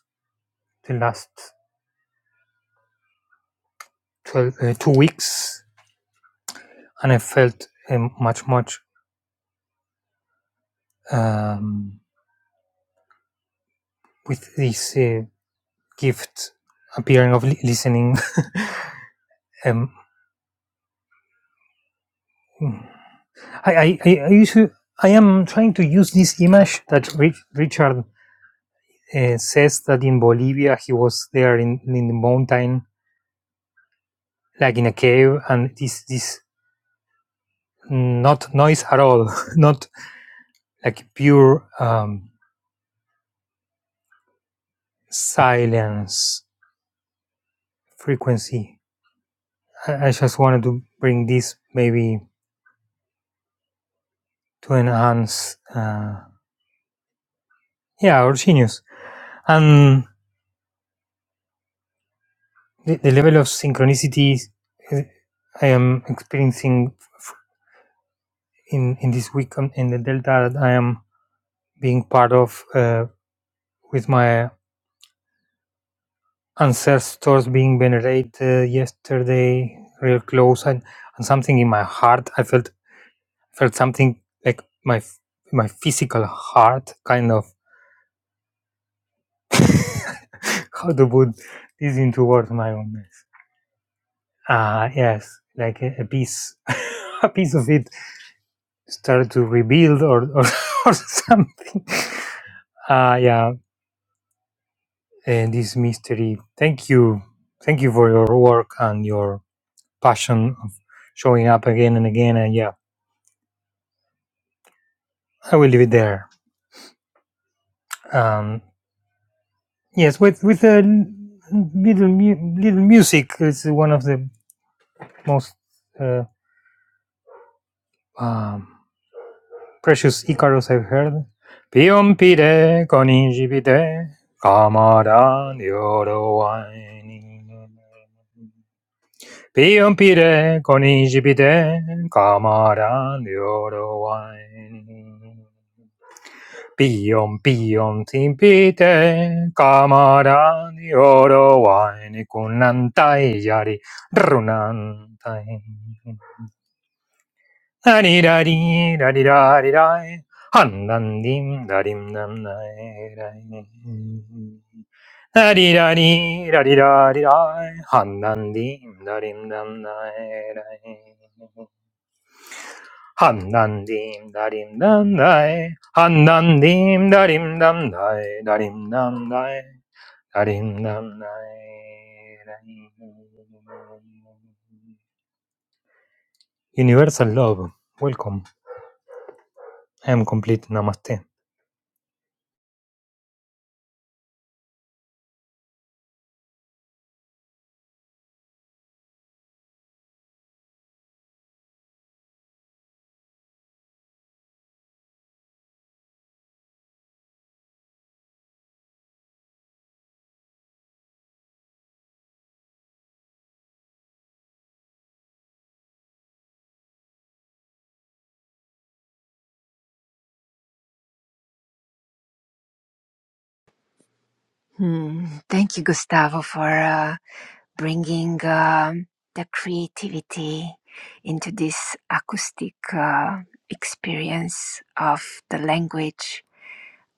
Speaker 5: the last 12, uh, two weeks and i felt um, much much um, with this uh, gift appearing of li- listening um, I I I, I, use, I am trying to use this image that Rich, Richard uh, says that in Bolivia he was there in, in the mountain, like in a cave, and this this not noise at all, not like pure um, silence frequency. I, I just wanted to bring this maybe to enhance, uh, yeah, our genius and the, the level of synchronicity uh, I am experiencing in in this week um, in the delta that I am being part of uh, with my ancestors being venerated uh, yesterday real close and, and something in my heart I felt felt something like my my physical heart kind of how to put this into words my own ah uh, yes like a, a piece a piece of it started to rebuild or or, or something Ah, uh yeah and this mystery. Thank you. Thank you for your work and your passion of showing up again and again. And yeah, I will leave it there. Um, yes, with with a l- little mu- little music, it's one of the most uh, um, precious Icarus I've heard. Pion pide con incipite, camara di oro wine. Piompiere conigibide camaran di oro wine. Piom piom timpite camaran yoro wine kunantai yari runantai. Ari dari dari dari dari handan dim darim dam dai dai. Ari dari dari dari dari handan dim darim dam dai dai. Han nan dim darim dam dai. Han nan dim darim dam dai. Darim dam dai. Darim dam dai. Universal love. Welcome. I am complete. Namaste.
Speaker 3: Hmm. Thank you, Gustavo, for uh, bringing um the creativity into this acoustic uh, experience of the language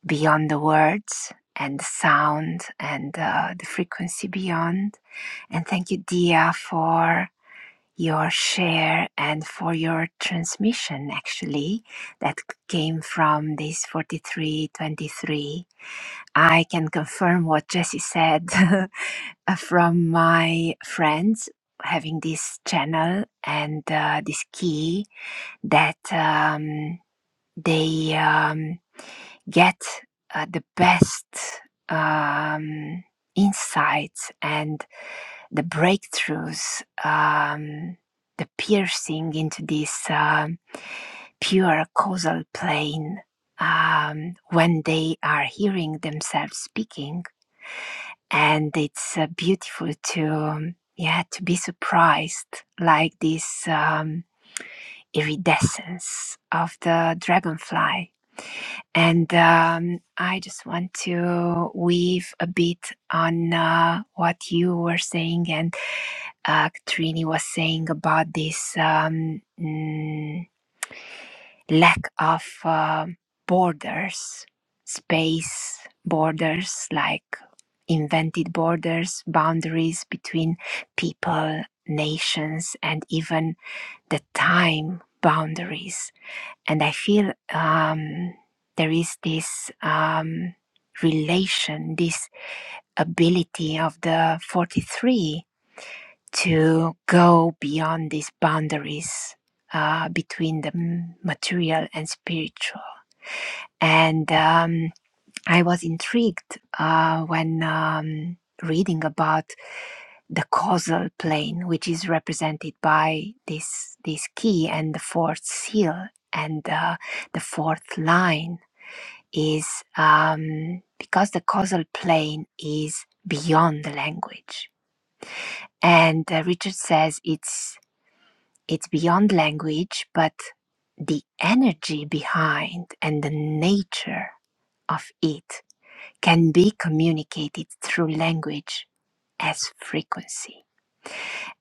Speaker 3: beyond the words and the sound and uh, the frequency beyond. And thank you, Dia, for your share and for your transmission, actually, that came from this 4323. I can confirm what Jesse said from my friends having this channel and uh, this key that um, they. Um, get uh, the best um, insights and the breakthroughs, um, the piercing into this um, pure causal plane um, when they are hearing themselves speaking. And it's uh, beautiful to, um, yeah, to be surprised like this um, iridescence of the dragonfly And um, I just want to weave a bit on uh, what you were saying and uh, Trini was saying about this um, mm, lack of uh, borders, space borders, like invented borders, boundaries between people, nations, and even the time boundaries and I feel um, there is this um, relation, this ability of the 43 to go beyond these boundaries uh, between the m- material and spiritual. And um, I was intrigued uh, when um, reading about the causal plane, which is represented by this this key and the fourth seal and uh, the fourth line is um, because the causal plane is beyond the language. And uh, Richard says it's it's beyond language, but the energy behind and the nature of it can be communicated through language as frequency.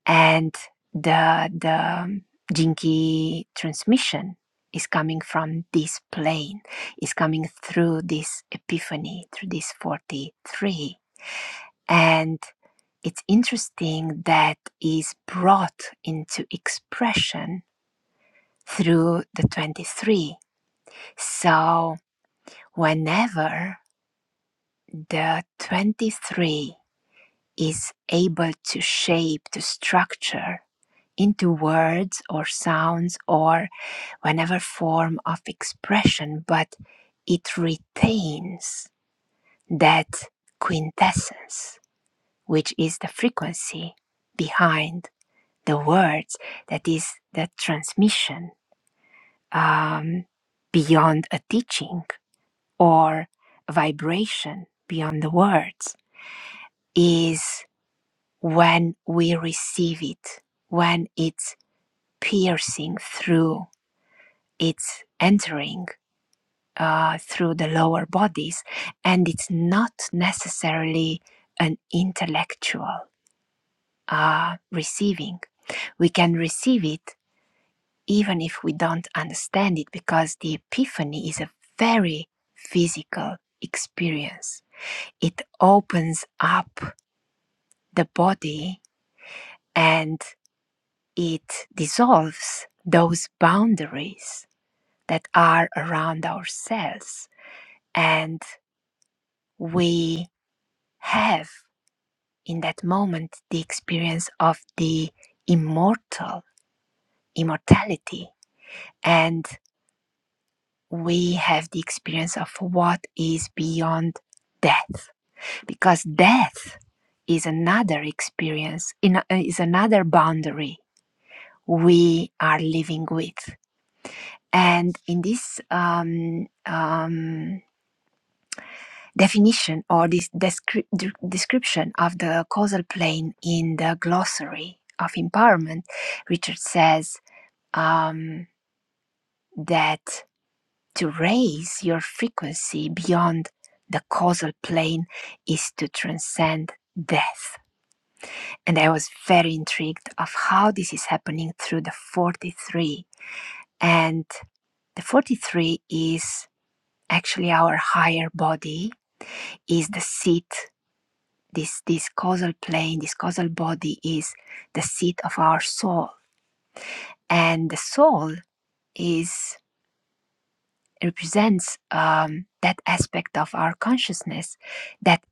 Speaker 3: and the the um, jinky transmission is coming from this plane is coming through this epiphany through this 43 and it's interesting that is brought into expression through the 23 so whenever the 23 is able to shape to structure into words or sounds or Whatever form of expression, but it retains that quintessence, which is the frequency behind the words, that is the transmission um, beyond a teaching or a vibration beyond the words, is when we receive it, when it's piercing through, it's entering uh, through the lower bodies, and it's not necessarily an intellectual uh, receiving. We can receive it even if we don't understand it because the epiphany is a very physical experience. It opens up the body and it dissolves those boundaries that are around ourselves, and we have in that moment the experience of the immortal immortality and we have the experience of what is beyond death because death is another experience is another boundary we are living with and in this um, um, definition or this descri- description of the causal plane in the glossary of empowerment richard says um, that to raise your frequency beyond the causal plane is to transcend death. And I was very intrigued of how this is happening through the 43. And the 43 is actually our higher body, is the seat. This, this causal plane, this causal body is the seat of our soul. And the soul is represents um, that aspect of our consciousness that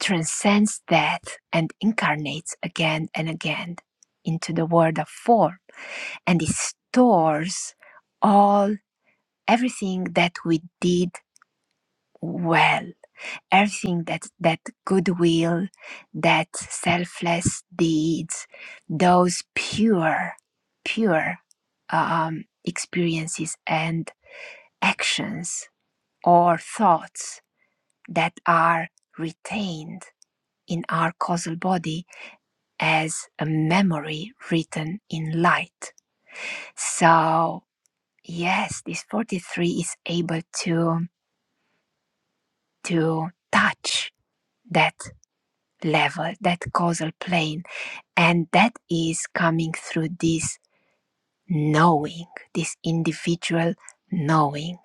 Speaker 3: transcends death and incarnates again and again into the world of form and it stores all everything that we did well everything that that goodwill that selfless deeds those pure pure um, experiences and actions or thoughts that are retained in our causal body as a memory written in light. So, yes, this 43 is able to, to touch that level, that causal plane, and that is coming through this knowing, this individual knowing.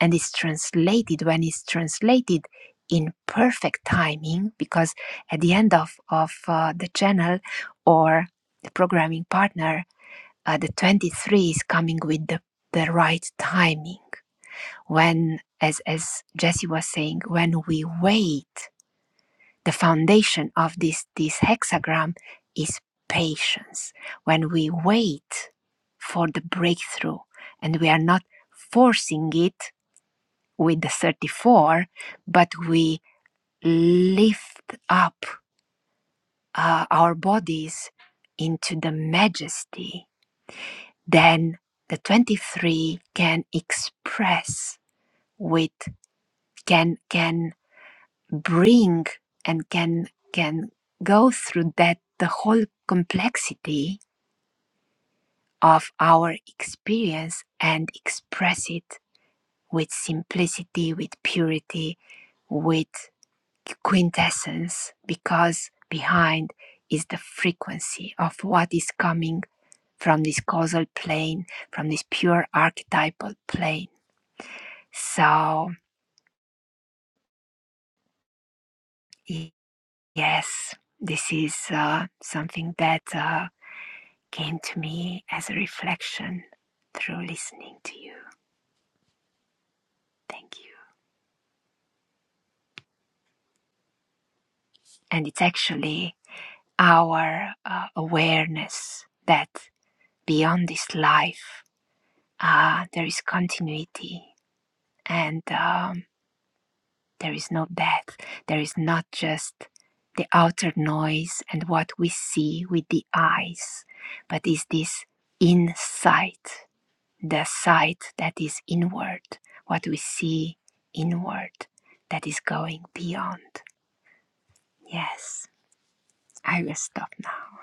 Speaker 3: And it's translated when it's translated in perfect timing, because at the end of, of uh, the channel or the programming partner, uh, the 23 is coming with the, the right timing. When, as, as Jesse was saying, when we wait the foundation of this, this hexagram is patience. When we wait for the breakthrough and we are not forcing it with the 34, but we lift up uh, our bodies into the majesty, then the 23 can express with, can, can bring and can can go through that the whole complexity of our experience and express it with simplicity with purity with quintessence because behind is the frequency of what is coming from this causal plane from this pure archetypal plane so y- yes this is uh, something that uh, came to me as a reflection through listening to you. Thank you. And it's actually our uh, awareness that beyond this life, uh, there is continuity and um, there is no death. There is not just the outer noise and what we see with the eyes, but is this insight the sight that is inward, what we see inward, that is going beyond. Yes, I will stop now.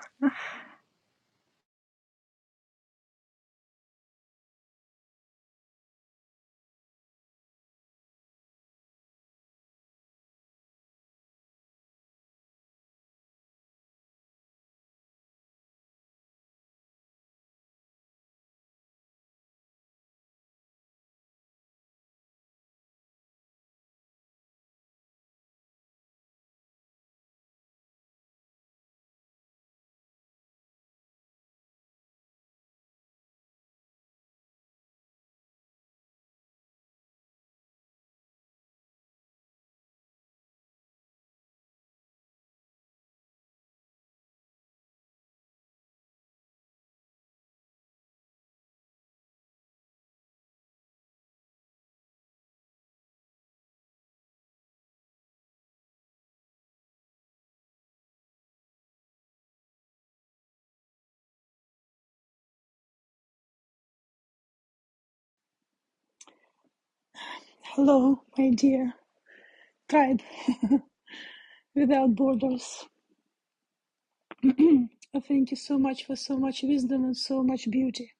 Speaker 6: Hello, my dear tribe without borders. I Thank you so much for so much wisdom and so much beauty.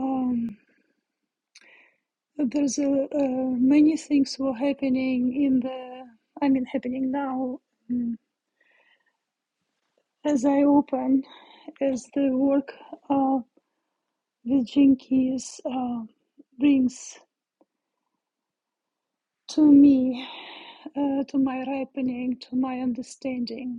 Speaker 6: Um, there's a, uh, many things were happening in the, I mean, happening now. mm, As I open, as the work uh, with Jinkies uh, brings to me, uh, to my ripening, to my understanding.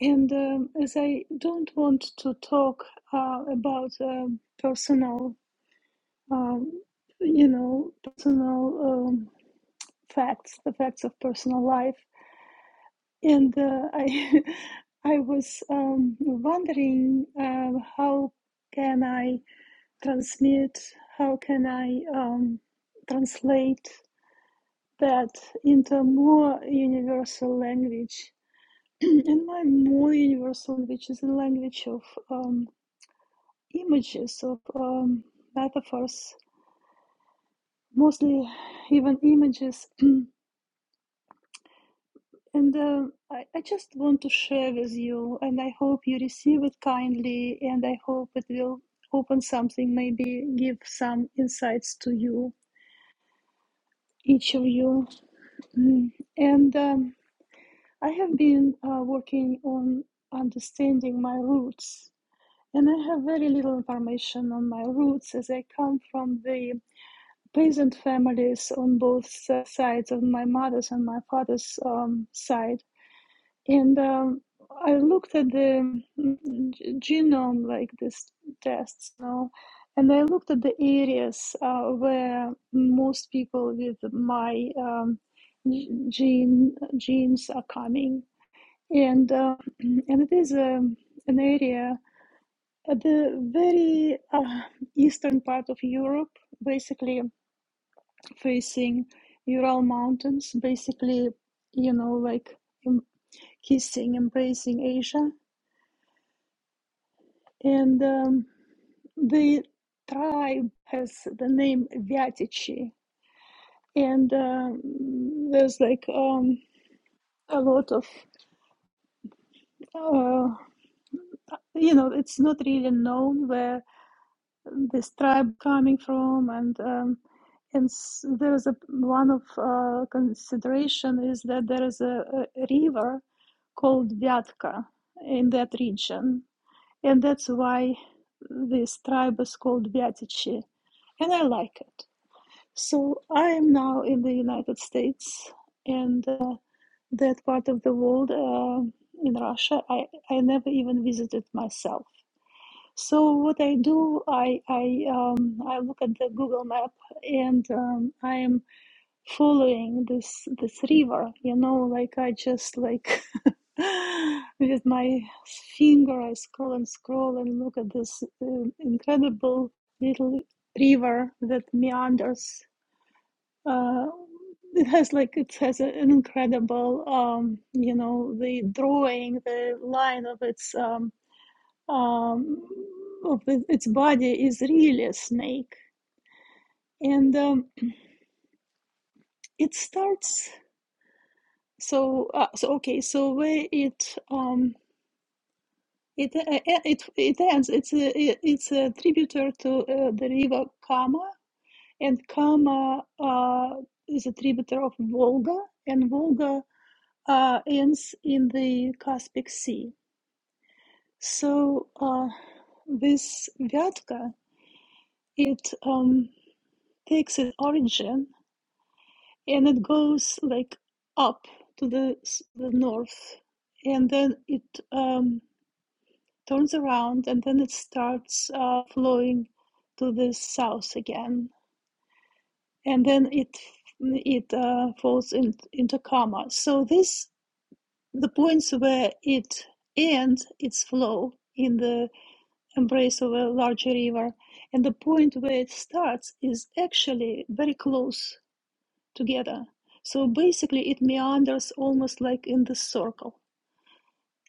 Speaker 6: And um, as I don't want to talk uh, about um personal, um, you know, personal um, facts, the facts of personal life, and uh, I, I was um, wondering uh, how can I transmit, how can I um, translate that into more universal language. and my more universal language is the language of um, images of um, metaphors, mostly even images. And uh, I, I just want to share with you, and I hope you receive it kindly, and I hope it will open something, maybe give some insights to you, each of you. Mm. And um, I have been uh, working on understanding my roots. And I have very little information on my roots as I come from the peasant families on both sides of my mother's and my father's um, side. And um, I looked at the mm, genome, like this tests, you know, and I looked at the areas uh, where most people with my um, gene genes are coming, and uh, and it is um an area at the very uh, eastern part of Europe, basically facing Ural Mountains, basically, you know, like kissing, embracing Asia. And um, the tribe has the name Vyatichi. And um there's like um, a lot of, uh, you know, it's not really known where this tribe coming from and um, and s- there is a one of uh, consideration is that there is a, a river called Vyatka in that region and that's why this tribe is called Vyatichi and I like it so I am now in the United States and uh, that part of the world uh, in Russia I, I never even visited myself so what I do, I I um, I look at the Google map and um, I'm following this this river. You know, like I just like with my finger, I scroll and scroll and look at this um incredible little river that meanders. Uh, it has like it has an incredible, um, you know, the drawing, the line of its um, um, of its body is really a snake, and um, it starts. So, uh, so okay, so where it um, it uh, uh, it it ends. It's a it- it's a tributary to uh, the river Kama, and Kama uh, is a tributary of Volga, and Volga uh, ends in the Caspic Sea. So uh, this Vyatka, it um, takes its origin and it goes like up to the, the north and then it um, turns around and then it starts uh, flowing to the south again and then it it uh, falls in, into coma so this the points where it ends its flow in the embrace of a larger river and the point where it starts is actually very close together. So basically, it meanders almost like in the circle.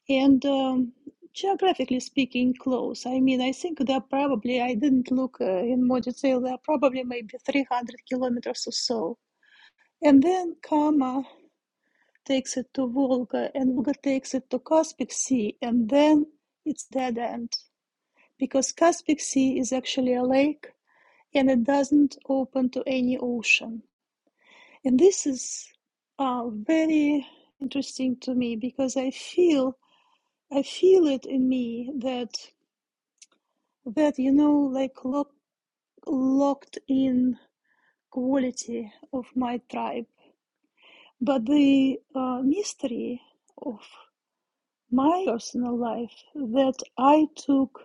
Speaker 6: And um, geographically speaking, close. I mean, I think there are probably, I didn't look uh, in more detail, there are probably maybe 300 kilometers or so. And then Kama takes it to Volga, and Volga takes it to Caspic Sea, and then it's dead end. Because Caspic Sea is actually a lake and it doesn't open to any ocean. And this is uh, very interesting to me because I feel I feel it in me that that you know like lock, locked in quality of my tribe, but the uh, mystery of my personal life that I took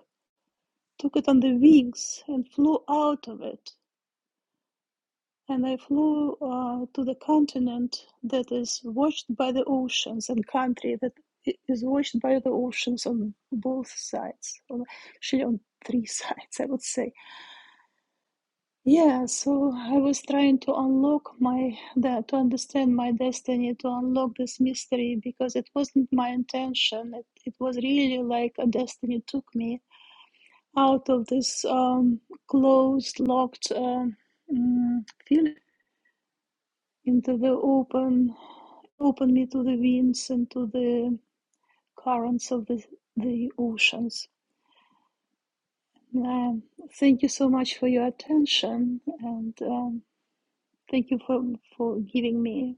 Speaker 6: took it on the wings and flew out of it and I flew uh, to the continent that is watched by the oceans and country that is i- watched by the oceans on both sides, on- actually on three sides, I would say. Yeah, so I was trying to unlock my that to understand my destiny, to unlock this mystery because it wasn't my intention. It, it was really like a destiny took me out of this um, closed, locked um, mm, feeling into the open Opened me to the winds and to the currents of the, the oceans. Um, thank you so much for your attention and um, thank you for, for giving me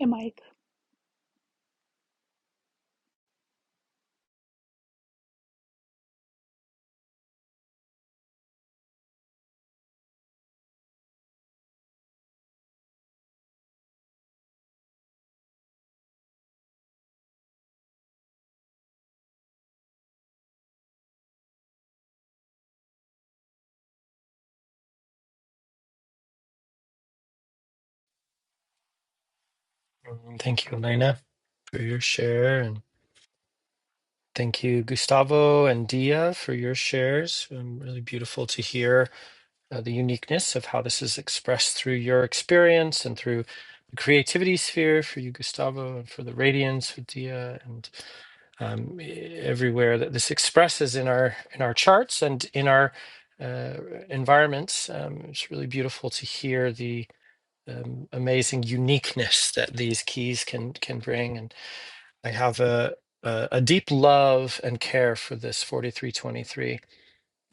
Speaker 6: a mic.
Speaker 1: And Thank you, Elena, for your share. And thank you, Gustavo and Dia, for your shares. Um, really beautiful to hear uh, the uniqueness of how this is expressed through your experience and through the creativity sphere for you, Gustavo, and for the radiance with Dia, and um, e- everywhere that this expresses in our in our charts and in our uh, environments. Um, it's really beautiful to hear the um, amazing uniqueness that these keys can can bring, and I have a a, a deep love and care for this 4323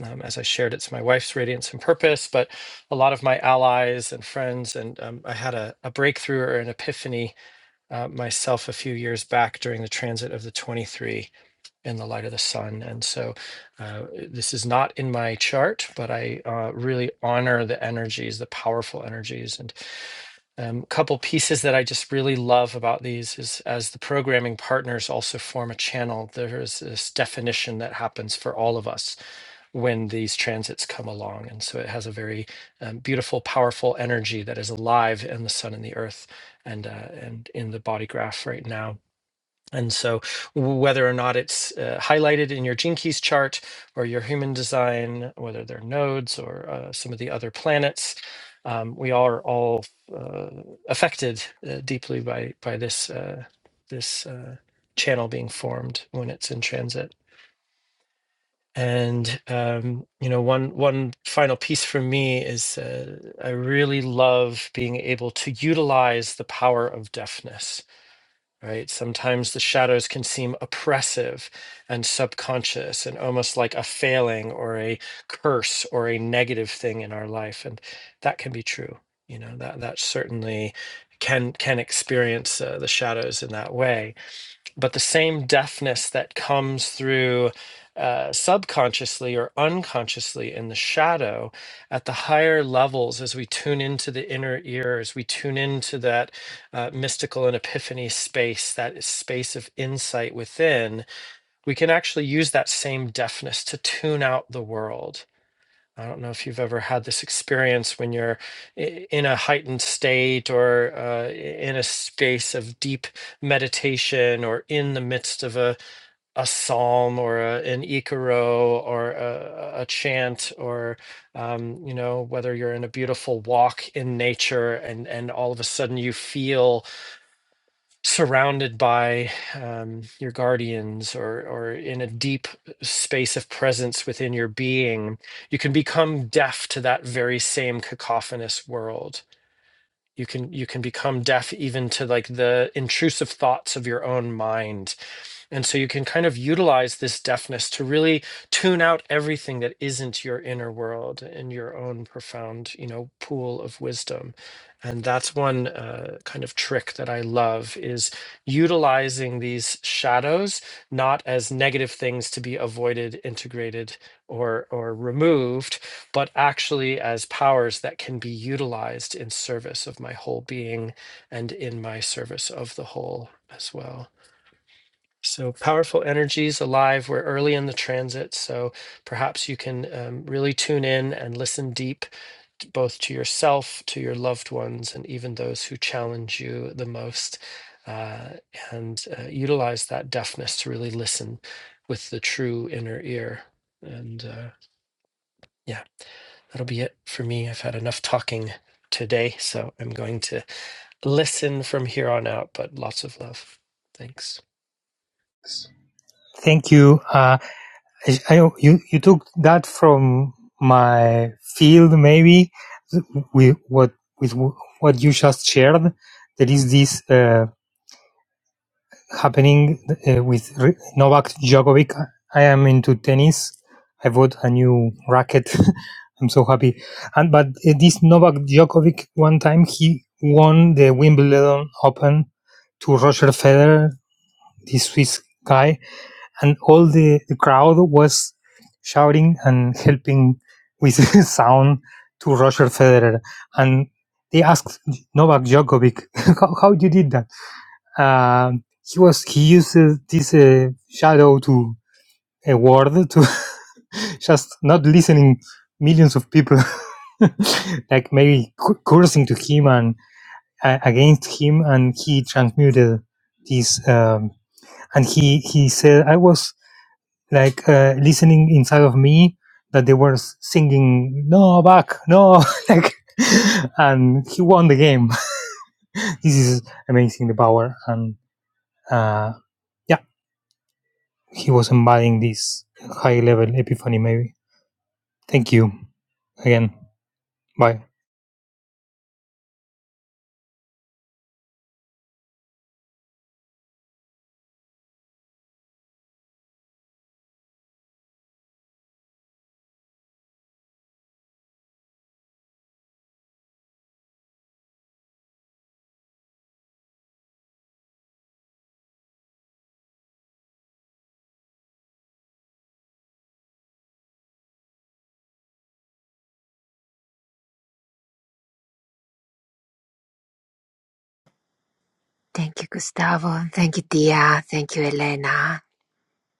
Speaker 1: um, as I shared, it's my wife's radiance and purpose, but a lot of my allies and friends. And um, I had a, a breakthrough or an epiphany uh, myself a few years back during the transit of the 23 in the light of the sun. And so uh, this is not in my chart, but I uh, really honor the energies, the powerful energies. And um, a couple pieces that I just really love about these is as the programming partners also form a channel, there is this definition that happens for all of us when these transits come along. And so it has a very um, beautiful, powerful energy that is alive in the sun and the earth and, uh, and in the body graph right now. And so, w- whether or not it's uh, highlighted in your gene keys chart or your human design, whether they're nodes or uh, some of the other planets, um, we are all uh, affected uh, deeply by by this uh, this uh, channel being formed when it's in transit. And um, you know, one one final piece for me is uh, I really love being able to utilize the power of deafness. Right? Sometimes the shadows can seem oppressive and subconscious, and almost like a failing or a curse or a negative thing in our life, and that can be true. You know, that that certainly can can experience uh, the shadows in that way but the same deafness that comes through uh, subconsciously or unconsciously in the shadow at the higher levels as we tune into the inner ear as we tune into that uh, mystical and epiphany space that space of insight within we can actually use that same deafness to tune out the world I don't know if you've ever had this experience when you're i- in a heightened state or uh, i- in a space of deep meditation or in the midst of a, a psalm or a, an ikaro or a, a a chant or, um, you know, whether you're in a beautiful walk in nature and, and all of a sudden you feel surrounded by um, your guardians or or in a deep space of presence within your being you can become deaf to that very same cacophonous world you can you can become deaf even to like the intrusive thoughts of your own mind and so you can kind of utilize this deafness to really tune out everything that isn't your inner world and your own profound, you know, pool of wisdom. And that's one uh, kind of trick that I love is utilizing these shadows not as negative things to be avoided, integrated, or or removed, but actually as powers that can be utilized in service of my whole being and in my service of the whole as well. So powerful energies alive. We're early in the transit, so perhaps you can um, really tune in and listen deep, t- both to yourself, to your loved ones, and even those who challenge you the most, uh, and uh, utilize that deafness to really listen with the true inner ear. And uh, yeah, that'll be it for me. I've had enough talking today, so I'm going to listen from here on out. But lots of love. Thanks.
Speaker 5: Thank you. Uh, I, I- you you took that from my field maybe with what with what you just shared. There is this. uh, happening uh, with R- Novak Djokovic. I am into tennis. I bought a new racket. I'm so happy. And but uh, this Novak Djokovic, one time he won the Wimbledon Open to Roger Federer, this Swiss guy, and all the, the crowd was shouting and helping with sound to Roger Federer. And they asked Novak Djokovic, "How how you did that?" Um, he was he used uh, this uh, shadow to a word to just not listening millions of people like maybe cu- cursing to him and uh, against him and he transmuted this um, and he he said i was like uh, listening inside of me that they were singing no back no like and he won the game this is amazing the power and uh yeah he was embodying this high level epiphany maybe thank you again bye
Speaker 3: Thank you, Gustavo. Thank you, Dia. Thank you, Elena.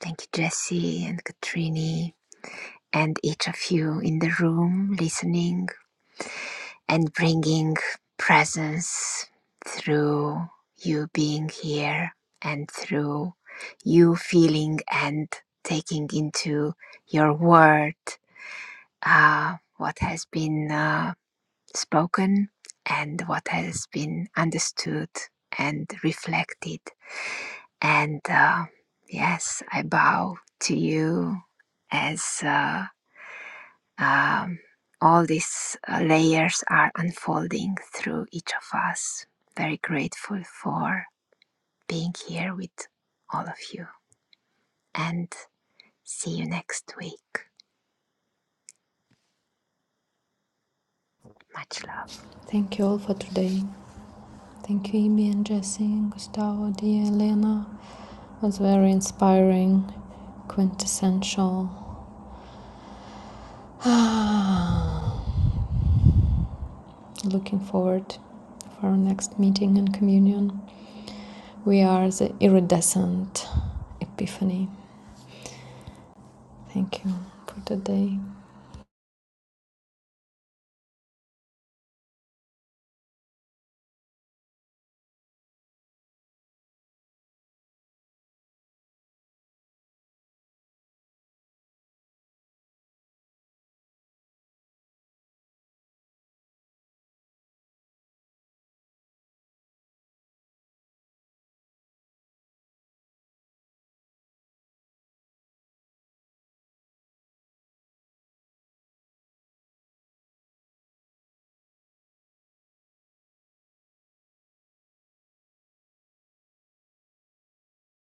Speaker 3: Thank you, Jesse and Katrini, and each of you in the room listening and bringing presence through you being here and through you feeling and taking into your word uh, what has been uh, spoken and what has been understood and reflected. And uh, yes, I bow to you as uh, um, all these uh, layers are unfolding through each of us. Very grateful for being here with all of you. And see you next week. Much love.
Speaker 2: Thank you all for today. Thank you, Ibi and Jesse, Gustavo, Dia, Elena. It was very inspiring, quintessential. Looking forward for our next meeting and communion. We are the iridescent epiphany. Thank you for today.